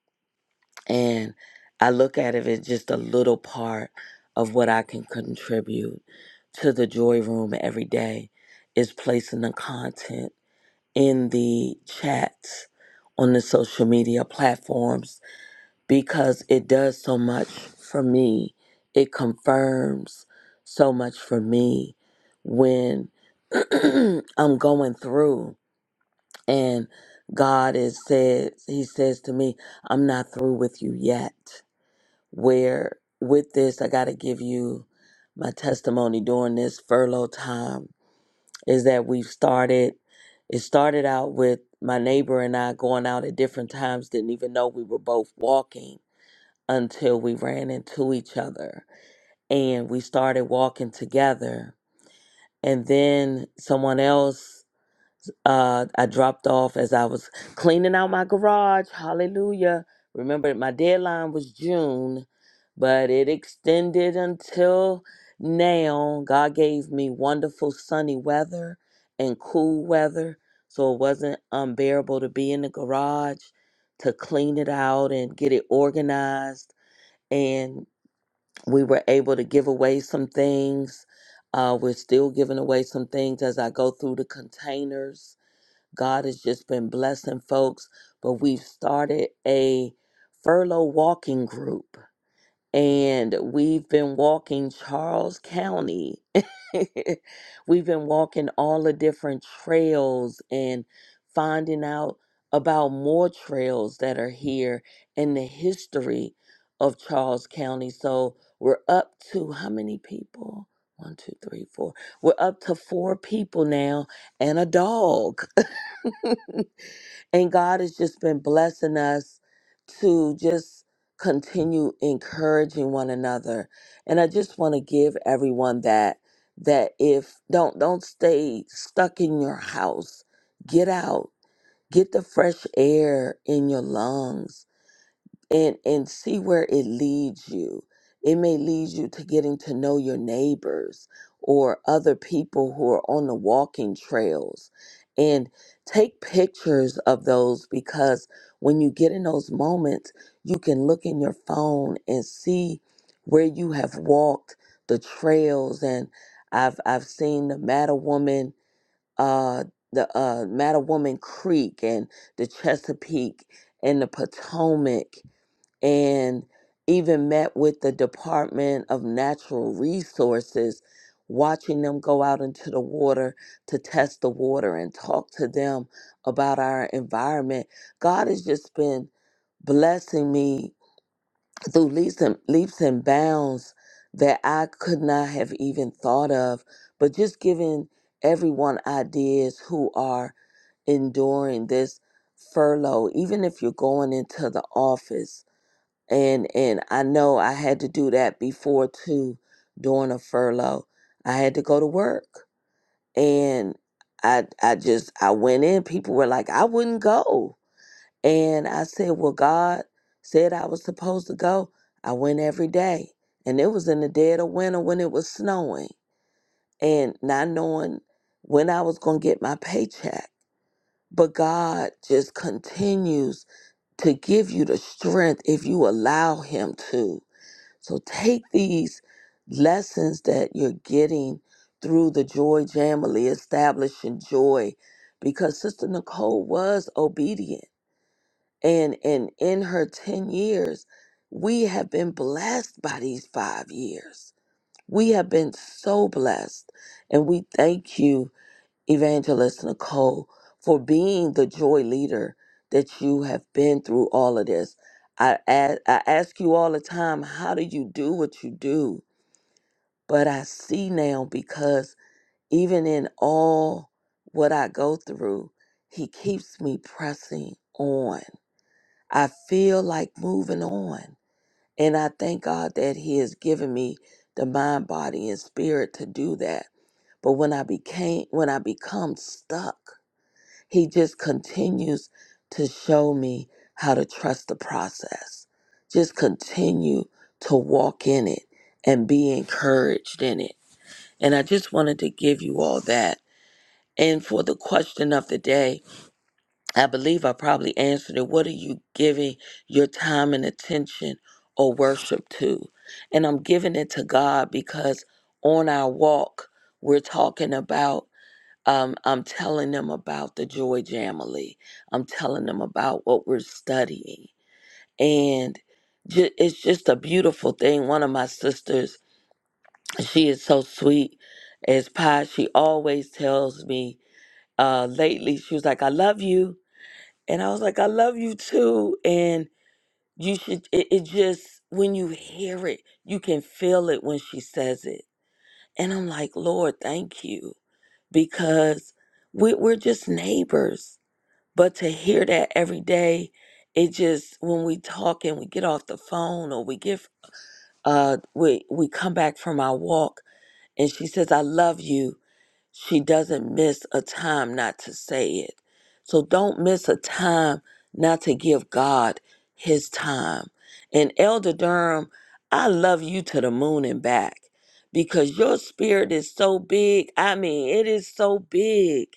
And I look at it as just a little part of what I can contribute to the Joy Room every day is placing the content in the chats on the social media platforms because it does so much for me. It confirms so much for me when I'm going through. And God is says he says to me, I'm not through with you yet. Where with this I gotta give you my testimony during this furlough time is that we've started it started out with my neighbor and I going out at different times, didn't even know we were both walking until we ran into each other. And we started walking together. And then someone else uh, I dropped off as I was cleaning out my garage. Hallelujah. Remember, my deadline was June, but it extended until now. God gave me wonderful sunny weather and cool weather. So it wasn't unbearable to be in the garage to clean it out and get it organized. And we were able to give away some things. Uh, we're still giving away some things as I go through the containers God has just been blessing folks, but we've started a furlough walking group and we've been walking Charles County. we've been walking all the different trails and finding out about more trails that are here and the history of Charles County. So we're up to how many people? One, two, three, four. We're up to four people now and a dog. and God has just been blessing us to just continue encouraging one another. And I just want to give everyone that that if don't don't stay stuck in your house, get out, get the fresh air in your lungs and and see where it leads you it may lead you to getting to know your neighbors or other people who are on the walking trails and take pictures of those because when you get in those moments you can look in your phone and see where you have walked the trails and i've i've seen the matter woman uh the uh matter woman creek and the chesapeake and the potomac and even met with the Department of Natural Resources, watching them go out into the water to test the water and talk to them about our environment. God has just been blessing me through leaps and, leaps and bounds that I could not have even thought of, but just giving everyone ideas who are enduring this furlough, even if you're going into the office and and I know I had to do that before too during a furlough. I had to go to work and I I just I went in people were like I wouldn't go and I said well God said I was supposed to go. I went every day and it was in the dead of winter when it was snowing and not knowing when I was going to get my paycheck. But God just continues to give you the strength if you allow him to so take these lessons that you're getting through the Joy Jamily, establishing joy, because Sister Nicole was obedient. And, and in her 10 years, we have been blessed by these five years. We have been so blessed. And we thank you Evangelist Nicole, for being the joy leader that you have been through all of this. I, a- I ask you all the time, how do you do what you do? But I see now because even in all what I go through, He keeps me pressing on. I feel like moving on. And I thank God that He has given me the mind, body, and spirit to do that. But when I became, when I become stuck, he just continues to show me how to trust the process. Just continue to walk in it and be encouraged in it. And I just wanted to give you all that. And for the question of the day, I believe I probably answered it. What are you giving your time and attention or worship to? And I'm giving it to God because on our walk, we're talking about um, I'm telling them about the Joy Jamily. I'm telling them about what we're studying. And ju- it's just a beautiful thing. One of my sisters, she is so sweet as pie. She always tells me, uh, lately, she was like, I love you. And I was like, I love you too. And you should, it, it just, when you hear it, you can feel it when she says it. And I'm like, Lord, thank you. Because we, we're just neighbors But to hear that every day, it just when we talk and we get off the phone or we give uh we we come back from our walk and she says, I love you, she doesn't miss a time not to say it. So don't miss a time not to give God his time. And Elder Durham, I love you to the moon and back because your spirit is so big. I mean, it is so big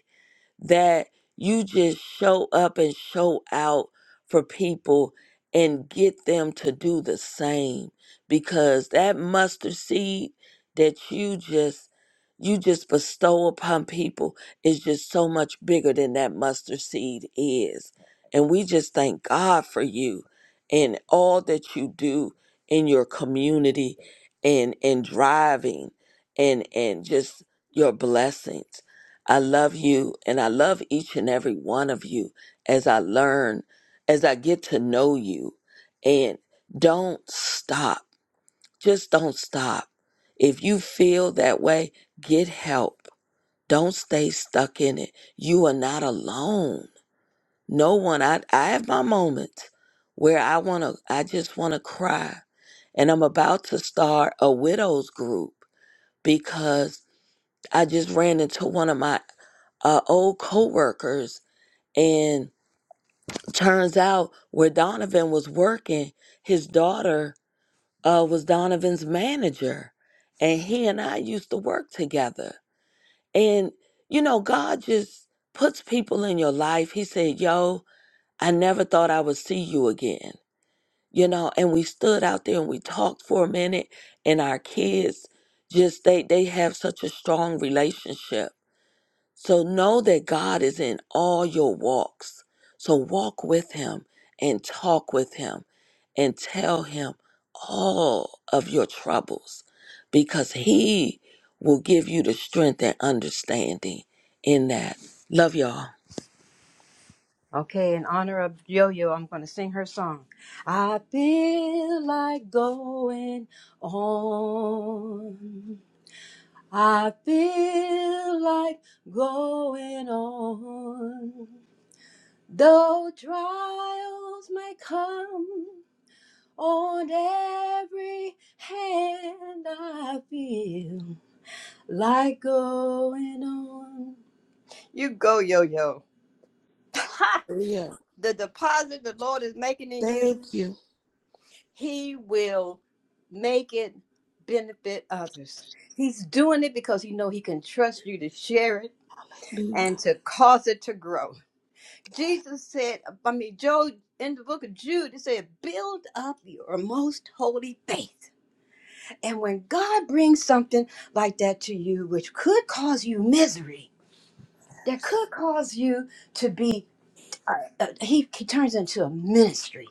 that you just show up and show out for people and get them to do the same because that mustard seed that you just you just bestow upon people is just so much bigger than that mustard seed is and we just thank God for you and all that you do in your community and and driving and and just your blessings I love you and I love each and every one of you as I learn, as I get to know you. And don't stop. Just don't stop. If you feel that way, get help. Don't stay stuck in it. You are not alone. No one, I, I have my moments where I want to, I just want to cry. And I'm about to start a widow's group because I just ran into one of my uh, old coworkers, and turns out where Donovan was working, his daughter uh, was Donovan's manager, and he and I used to work together. And you know, God just puts people in your life. He said, "Yo, I never thought I would see you again." You know, and we stood out there and we talked for a minute, and our kids just they they have such a strong relationship So know that God is in all your walks. So walk with Him and talk with Him and tell Him all of your troubles because He will give you the strength and understanding in that. Love y'all. Okay, in honor of Yo Yo, I'm going to sing her song. I feel like going on. I feel like going on. Though trials may come on every hand, I feel like going on. You go, yo, yo. Ha! Hallelujah. The deposit the Lord is making in you, Thank you. He will make it benefit others. He's doing it because He know He can trust you to share it Hallelujah. and to cause it to grow. Jesus said, I mean, Joe, in the book of Jude, it said, build up your most holy faith. And when God brings something like that to you, which could cause you misery, that could cause you to be, uh, uh, he, he turns into a ministry.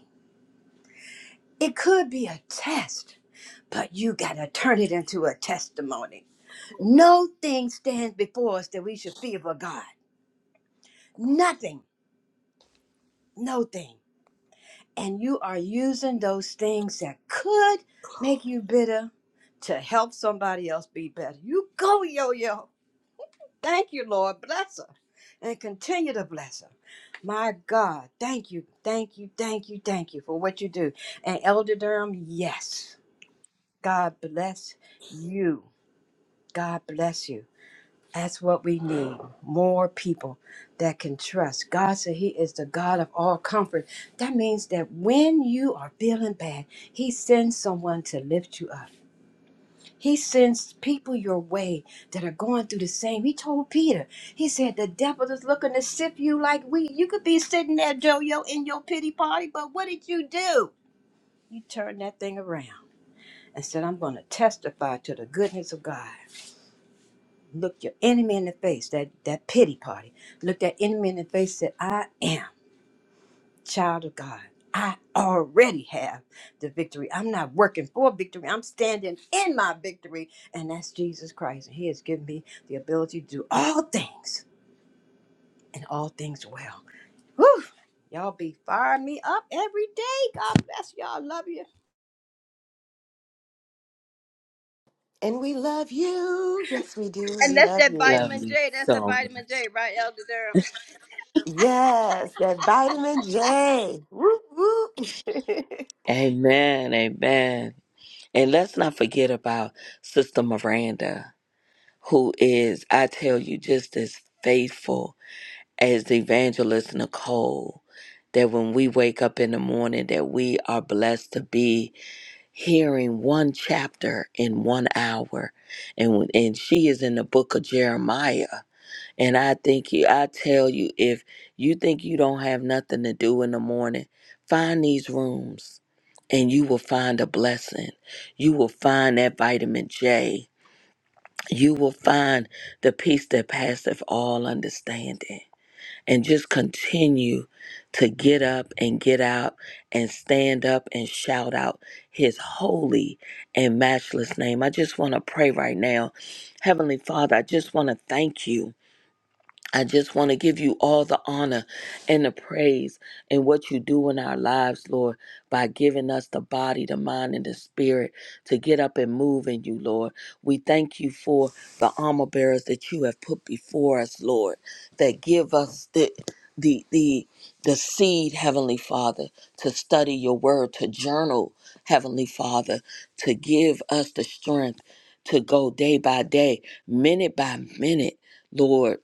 It could be a test, but you got to turn it into a testimony. No thing stands before us that we should fear for God. Nothing. No thing. and you are using those things that could make you bitter to help somebody else be better. You go, yo, yo. Thank you, Lord. Bless her and continue to bless her. My God, thank you, thank you, thank you, thank you for what you do. And Elder Durham, yes, God bless you. God bless you. That's what we need. More people that can trust. God said He is the God of all comfort. That means that when you are feeling bad, He sends someone to lift you up. He sends people your way that are going through the same. He told Peter, He said, The devil is looking to sift you like wheat. You could be sitting there, Jojo, in your pity party, but what did you do? You turned that thing around and said, I'm going to testify to the goodness of God. Look your enemy in the face, that, that pity party. Look that enemy in the face, said, I am child of God. I already have the victory. I'm not working for victory. I'm standing in my victory. And that's Jesus Christ. And He has given me the ability to do all things and all things well. Whew. Y'all be firing me up every day. God bless y'all. Love you. And we love you. Yes, we do. And We that's love that you. Love vitamin me J. That's that so. much. vitamin J, right, Elder Durham? Yes, that vitamin J. Whoop, whoop. Amen. Amen. And let's not forget about Sister Miranda, who is, I tell you, just as faithful as evangelist Nicole that when we wake up in the morning that we are blessed to be hearing one chapter in one hour and when- and she is in the book of Jeremiah and I think you I tell you if you think you don't have nothing to do in the morning find these rooms and you will find a blessing you will find that vitamin J you will find the peace that passeth all understanding and just continue to get up and get out and stand up and shout out his holy and matchless name. I just want to pray right now. Heavenly Father, I just want to thank you. I just want to give you all the honor and the praise and what you do in our lives, Lord, by giving us the body, the mind, and the spirit to get up and move in you, Lord. We thank you for the armor bearers that you have put before us, Lord, that give us the the the the seed, Heavenly Father, to study your word, to journal, Heavenly Father, to give us the strength to go day by day, minute by minute, Lord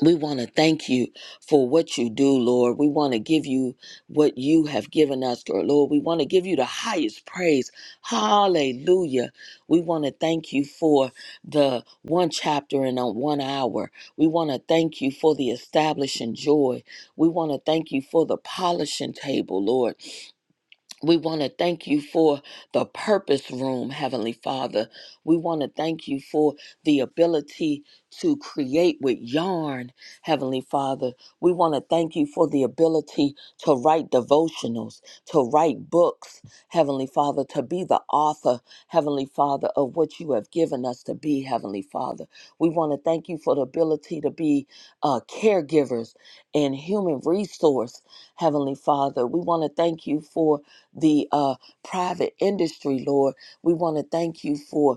we want to thank you for what you do, Lord. We want to give you what you have given us, Lord. We want to give you the highest praise. Hallelujah. We want to thank you for the one chapter in a one hour. We want to thank you for the establishing joy. We want to thank you for the polishing table, Lord. We want to thank you for the purpose room, Heavenly Father. We want to thank you for the ability to create with yarn, Heavenly Father. We want to thank you for the ability to write devotionals, to write books, Heavenly Father, to be the author, Heavenly Father, of what you have given us to be, Heavenly Father. We want to thank you for the ability to be uh, caregivers and human resource, Heavenly Father. We want to thank you for the uh, private industry, Lord. We want to thank you for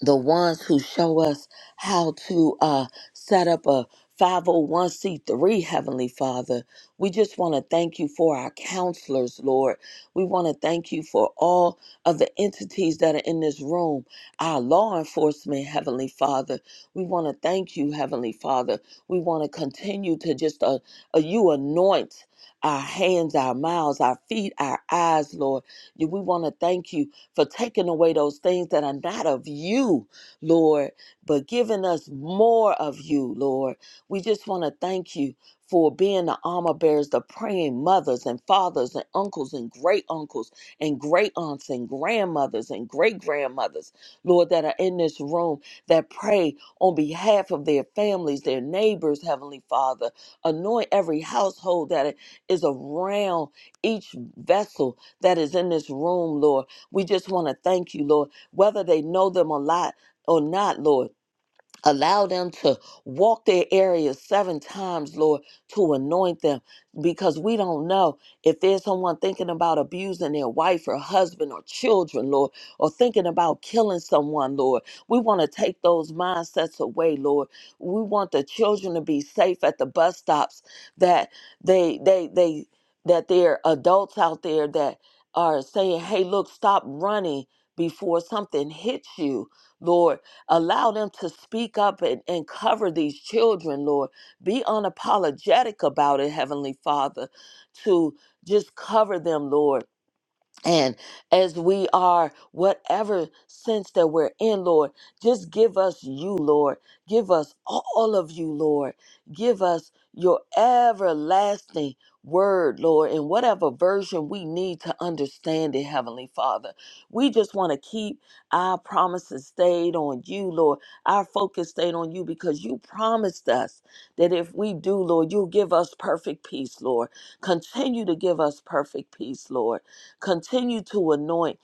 the ones who show us how to uh, set up a 501c3, Heavenly Father. We just want to thank you for our counselors, Lord. We want to thank you for all of the entities that are in this room, our law enforcement, Heavenly Father. We want to thank you, Heavenly Father. We want to continue to just, uh, uh, you anoint our hands, our mouths, our feet, our eyes, Lord. You- We want to thank you for taking away those things that are not of you, Lord, but giving us more of you, Lord. We just want to thank you for being the armor bearers, the praying mothers and fathers and uncles and great uncles and great aunts and grandmothers and great grandmothers, Lord, that are in this room that pray on behalf of their families, their neighbors, Heavenly Father. Anoint every household that is around each vessel that is in this room, Lord. We just want to thank you, Lord, whether they know them or not. Or not, Lord. Allow them to walk their areas seven times, Lord, to anoint them because we don't know if there's someone thinking about abusing their wife or husband or children, Lord, or thinking about killing someone, Lord. We want to take those mindsets away, Lord. We want the children to be safe at the bus stops that they they they that there are adults out there that are saying, "Hey, look, stop running before something hits you." Lord, Allow them to speak up and, and cover these children, Lord. Be unapologetic about it, Heavenly Father, to just cover them, Lord and as we are, whatever sense that we're in, Lord, just give us you, Lord. Give us all of you, Lord. Give us your everlasting word, Lord, in whatever version we need to understand it, Heavenly Father. We just want to keep our promises stayed on you, Lord. Our focus stayed on you because you promised us that if we do, Lord, you'll give us perfect peace, Lord. Continue to give us perfect peace, Lord. Continue to anoint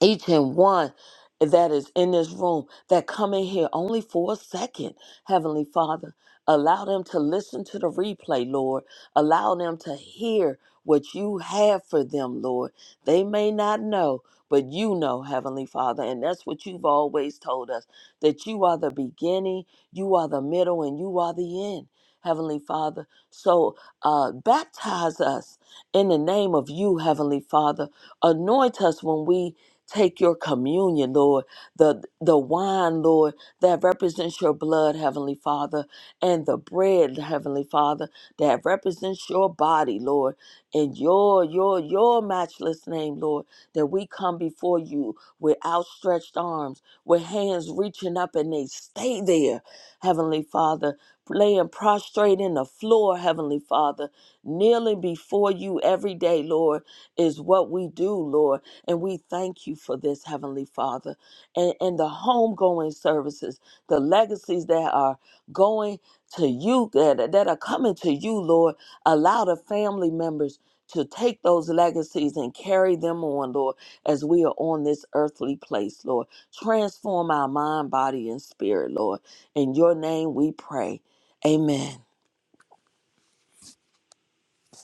each and one that is in this room that come in here only for a second, Heavenly Father. Allow them to listen to the replay, Lord. Allow them to hear what you have for them, Lord. They may not know, but you know, Heavenly Father. And that's what you've always told us that you are the beginning, you are the middle, and you are the end, Heavenly Father. So uh, baptize us in the name of you, Heavenly Father. Anoint us when we Take your communion, Lord, the the wine, Lord, that represents your blood, Heavenly Father, and the bread, Heavenly Father, that represents your body, Lord, In your your your matchless name, Lord, that we come before you with outstretched arms, with hands reaching up and they stay there, Heavenly Father, laying prostrate in the floor, Heavenly Father, kneeling before you every day, Lord, is what we do, Lord. And we thank you for this, Heavenly Father, and, and the homegoing services, the legacies that are going to you, that, that are coming to you, Lord. Allow the family members to take those legacies and carry them on, Lord, as we are on this earthly place, Lord. Transform our mind, body, and spirit, Lord. In your name we pray. Amen.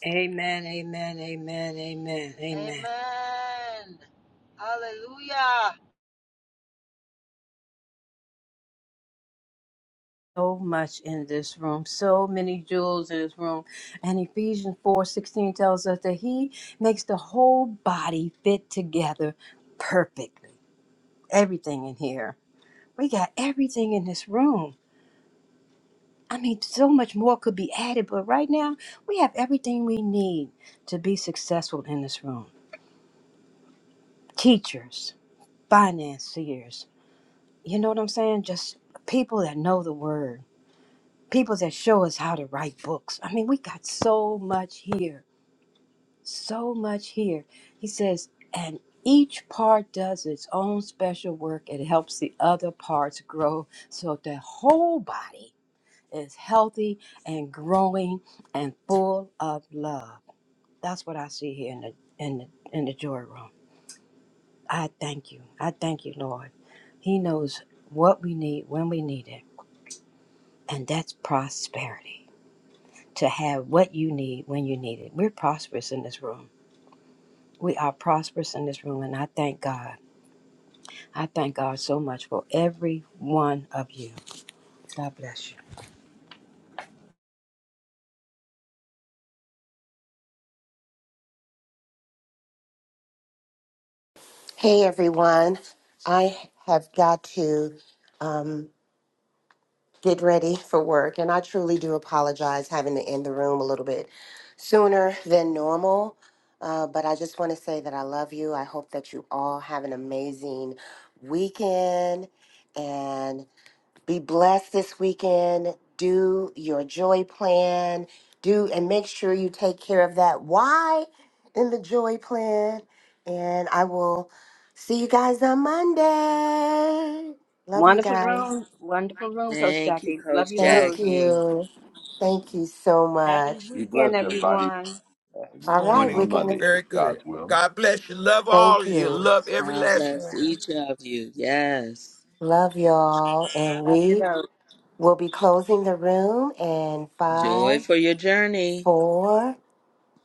Amen, amen, amen, amen, amen. Amen. Hallelujah. so much in this room, so many jewels in this room. And Ephesians four sixteen tells us that he makes the whole body fit together perfectly. Everything in here. We got everything in this room. I mean, so much more could be added, but right now we have everything we need to be successful in this room. Teachers, financiers, you know what I'm saying? Just people that know the word, people that show us how to write books. I mean, we got so much here so much here. He says, and each part does its own special work. It helps the other parts grow so the whole body is healthy and growing and full of love. That's what I see here in the in the in the joy room. I thank you. I thank you, Lord. He knows what we need when we need it, and that's prosperity. To have what you need when you need it. We're prosperous in this room. We are prosperous in this room, and I thank God. I thank God so much for every one of you. God bless you. hey, everyone. I have got to um, get ready for work, and I truly do apologize having to end the room a little bit sooner than normal. Uh, but I just want to say that I love you. I hope that you all have an amazing weekend. and. be blessed this weekend. Do your joy plan. Do and make sure you take care of that why in the joy plan. And I will see you guys on Monday. Love you Wonderful guys. room. Wonderful room, Coach Thank you, Jackie. Love Coach you Thank loads. Jackie. you. Thank you so Happy much. Be blessed, weekend, everybody. everyone. And This we'll All see you right, we're on morning, going Monday to if very it's God's good. will. God bless you. Love all thank of you. you. Love every God last bless each of you. Yes. Love y'all. And Love you we loads. will be closing the room in Joy five, for your journey. four,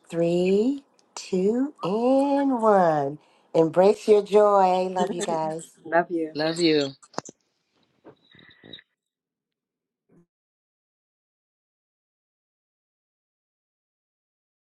Three, two, and one. Embrace your joy. Love you guys. Love you.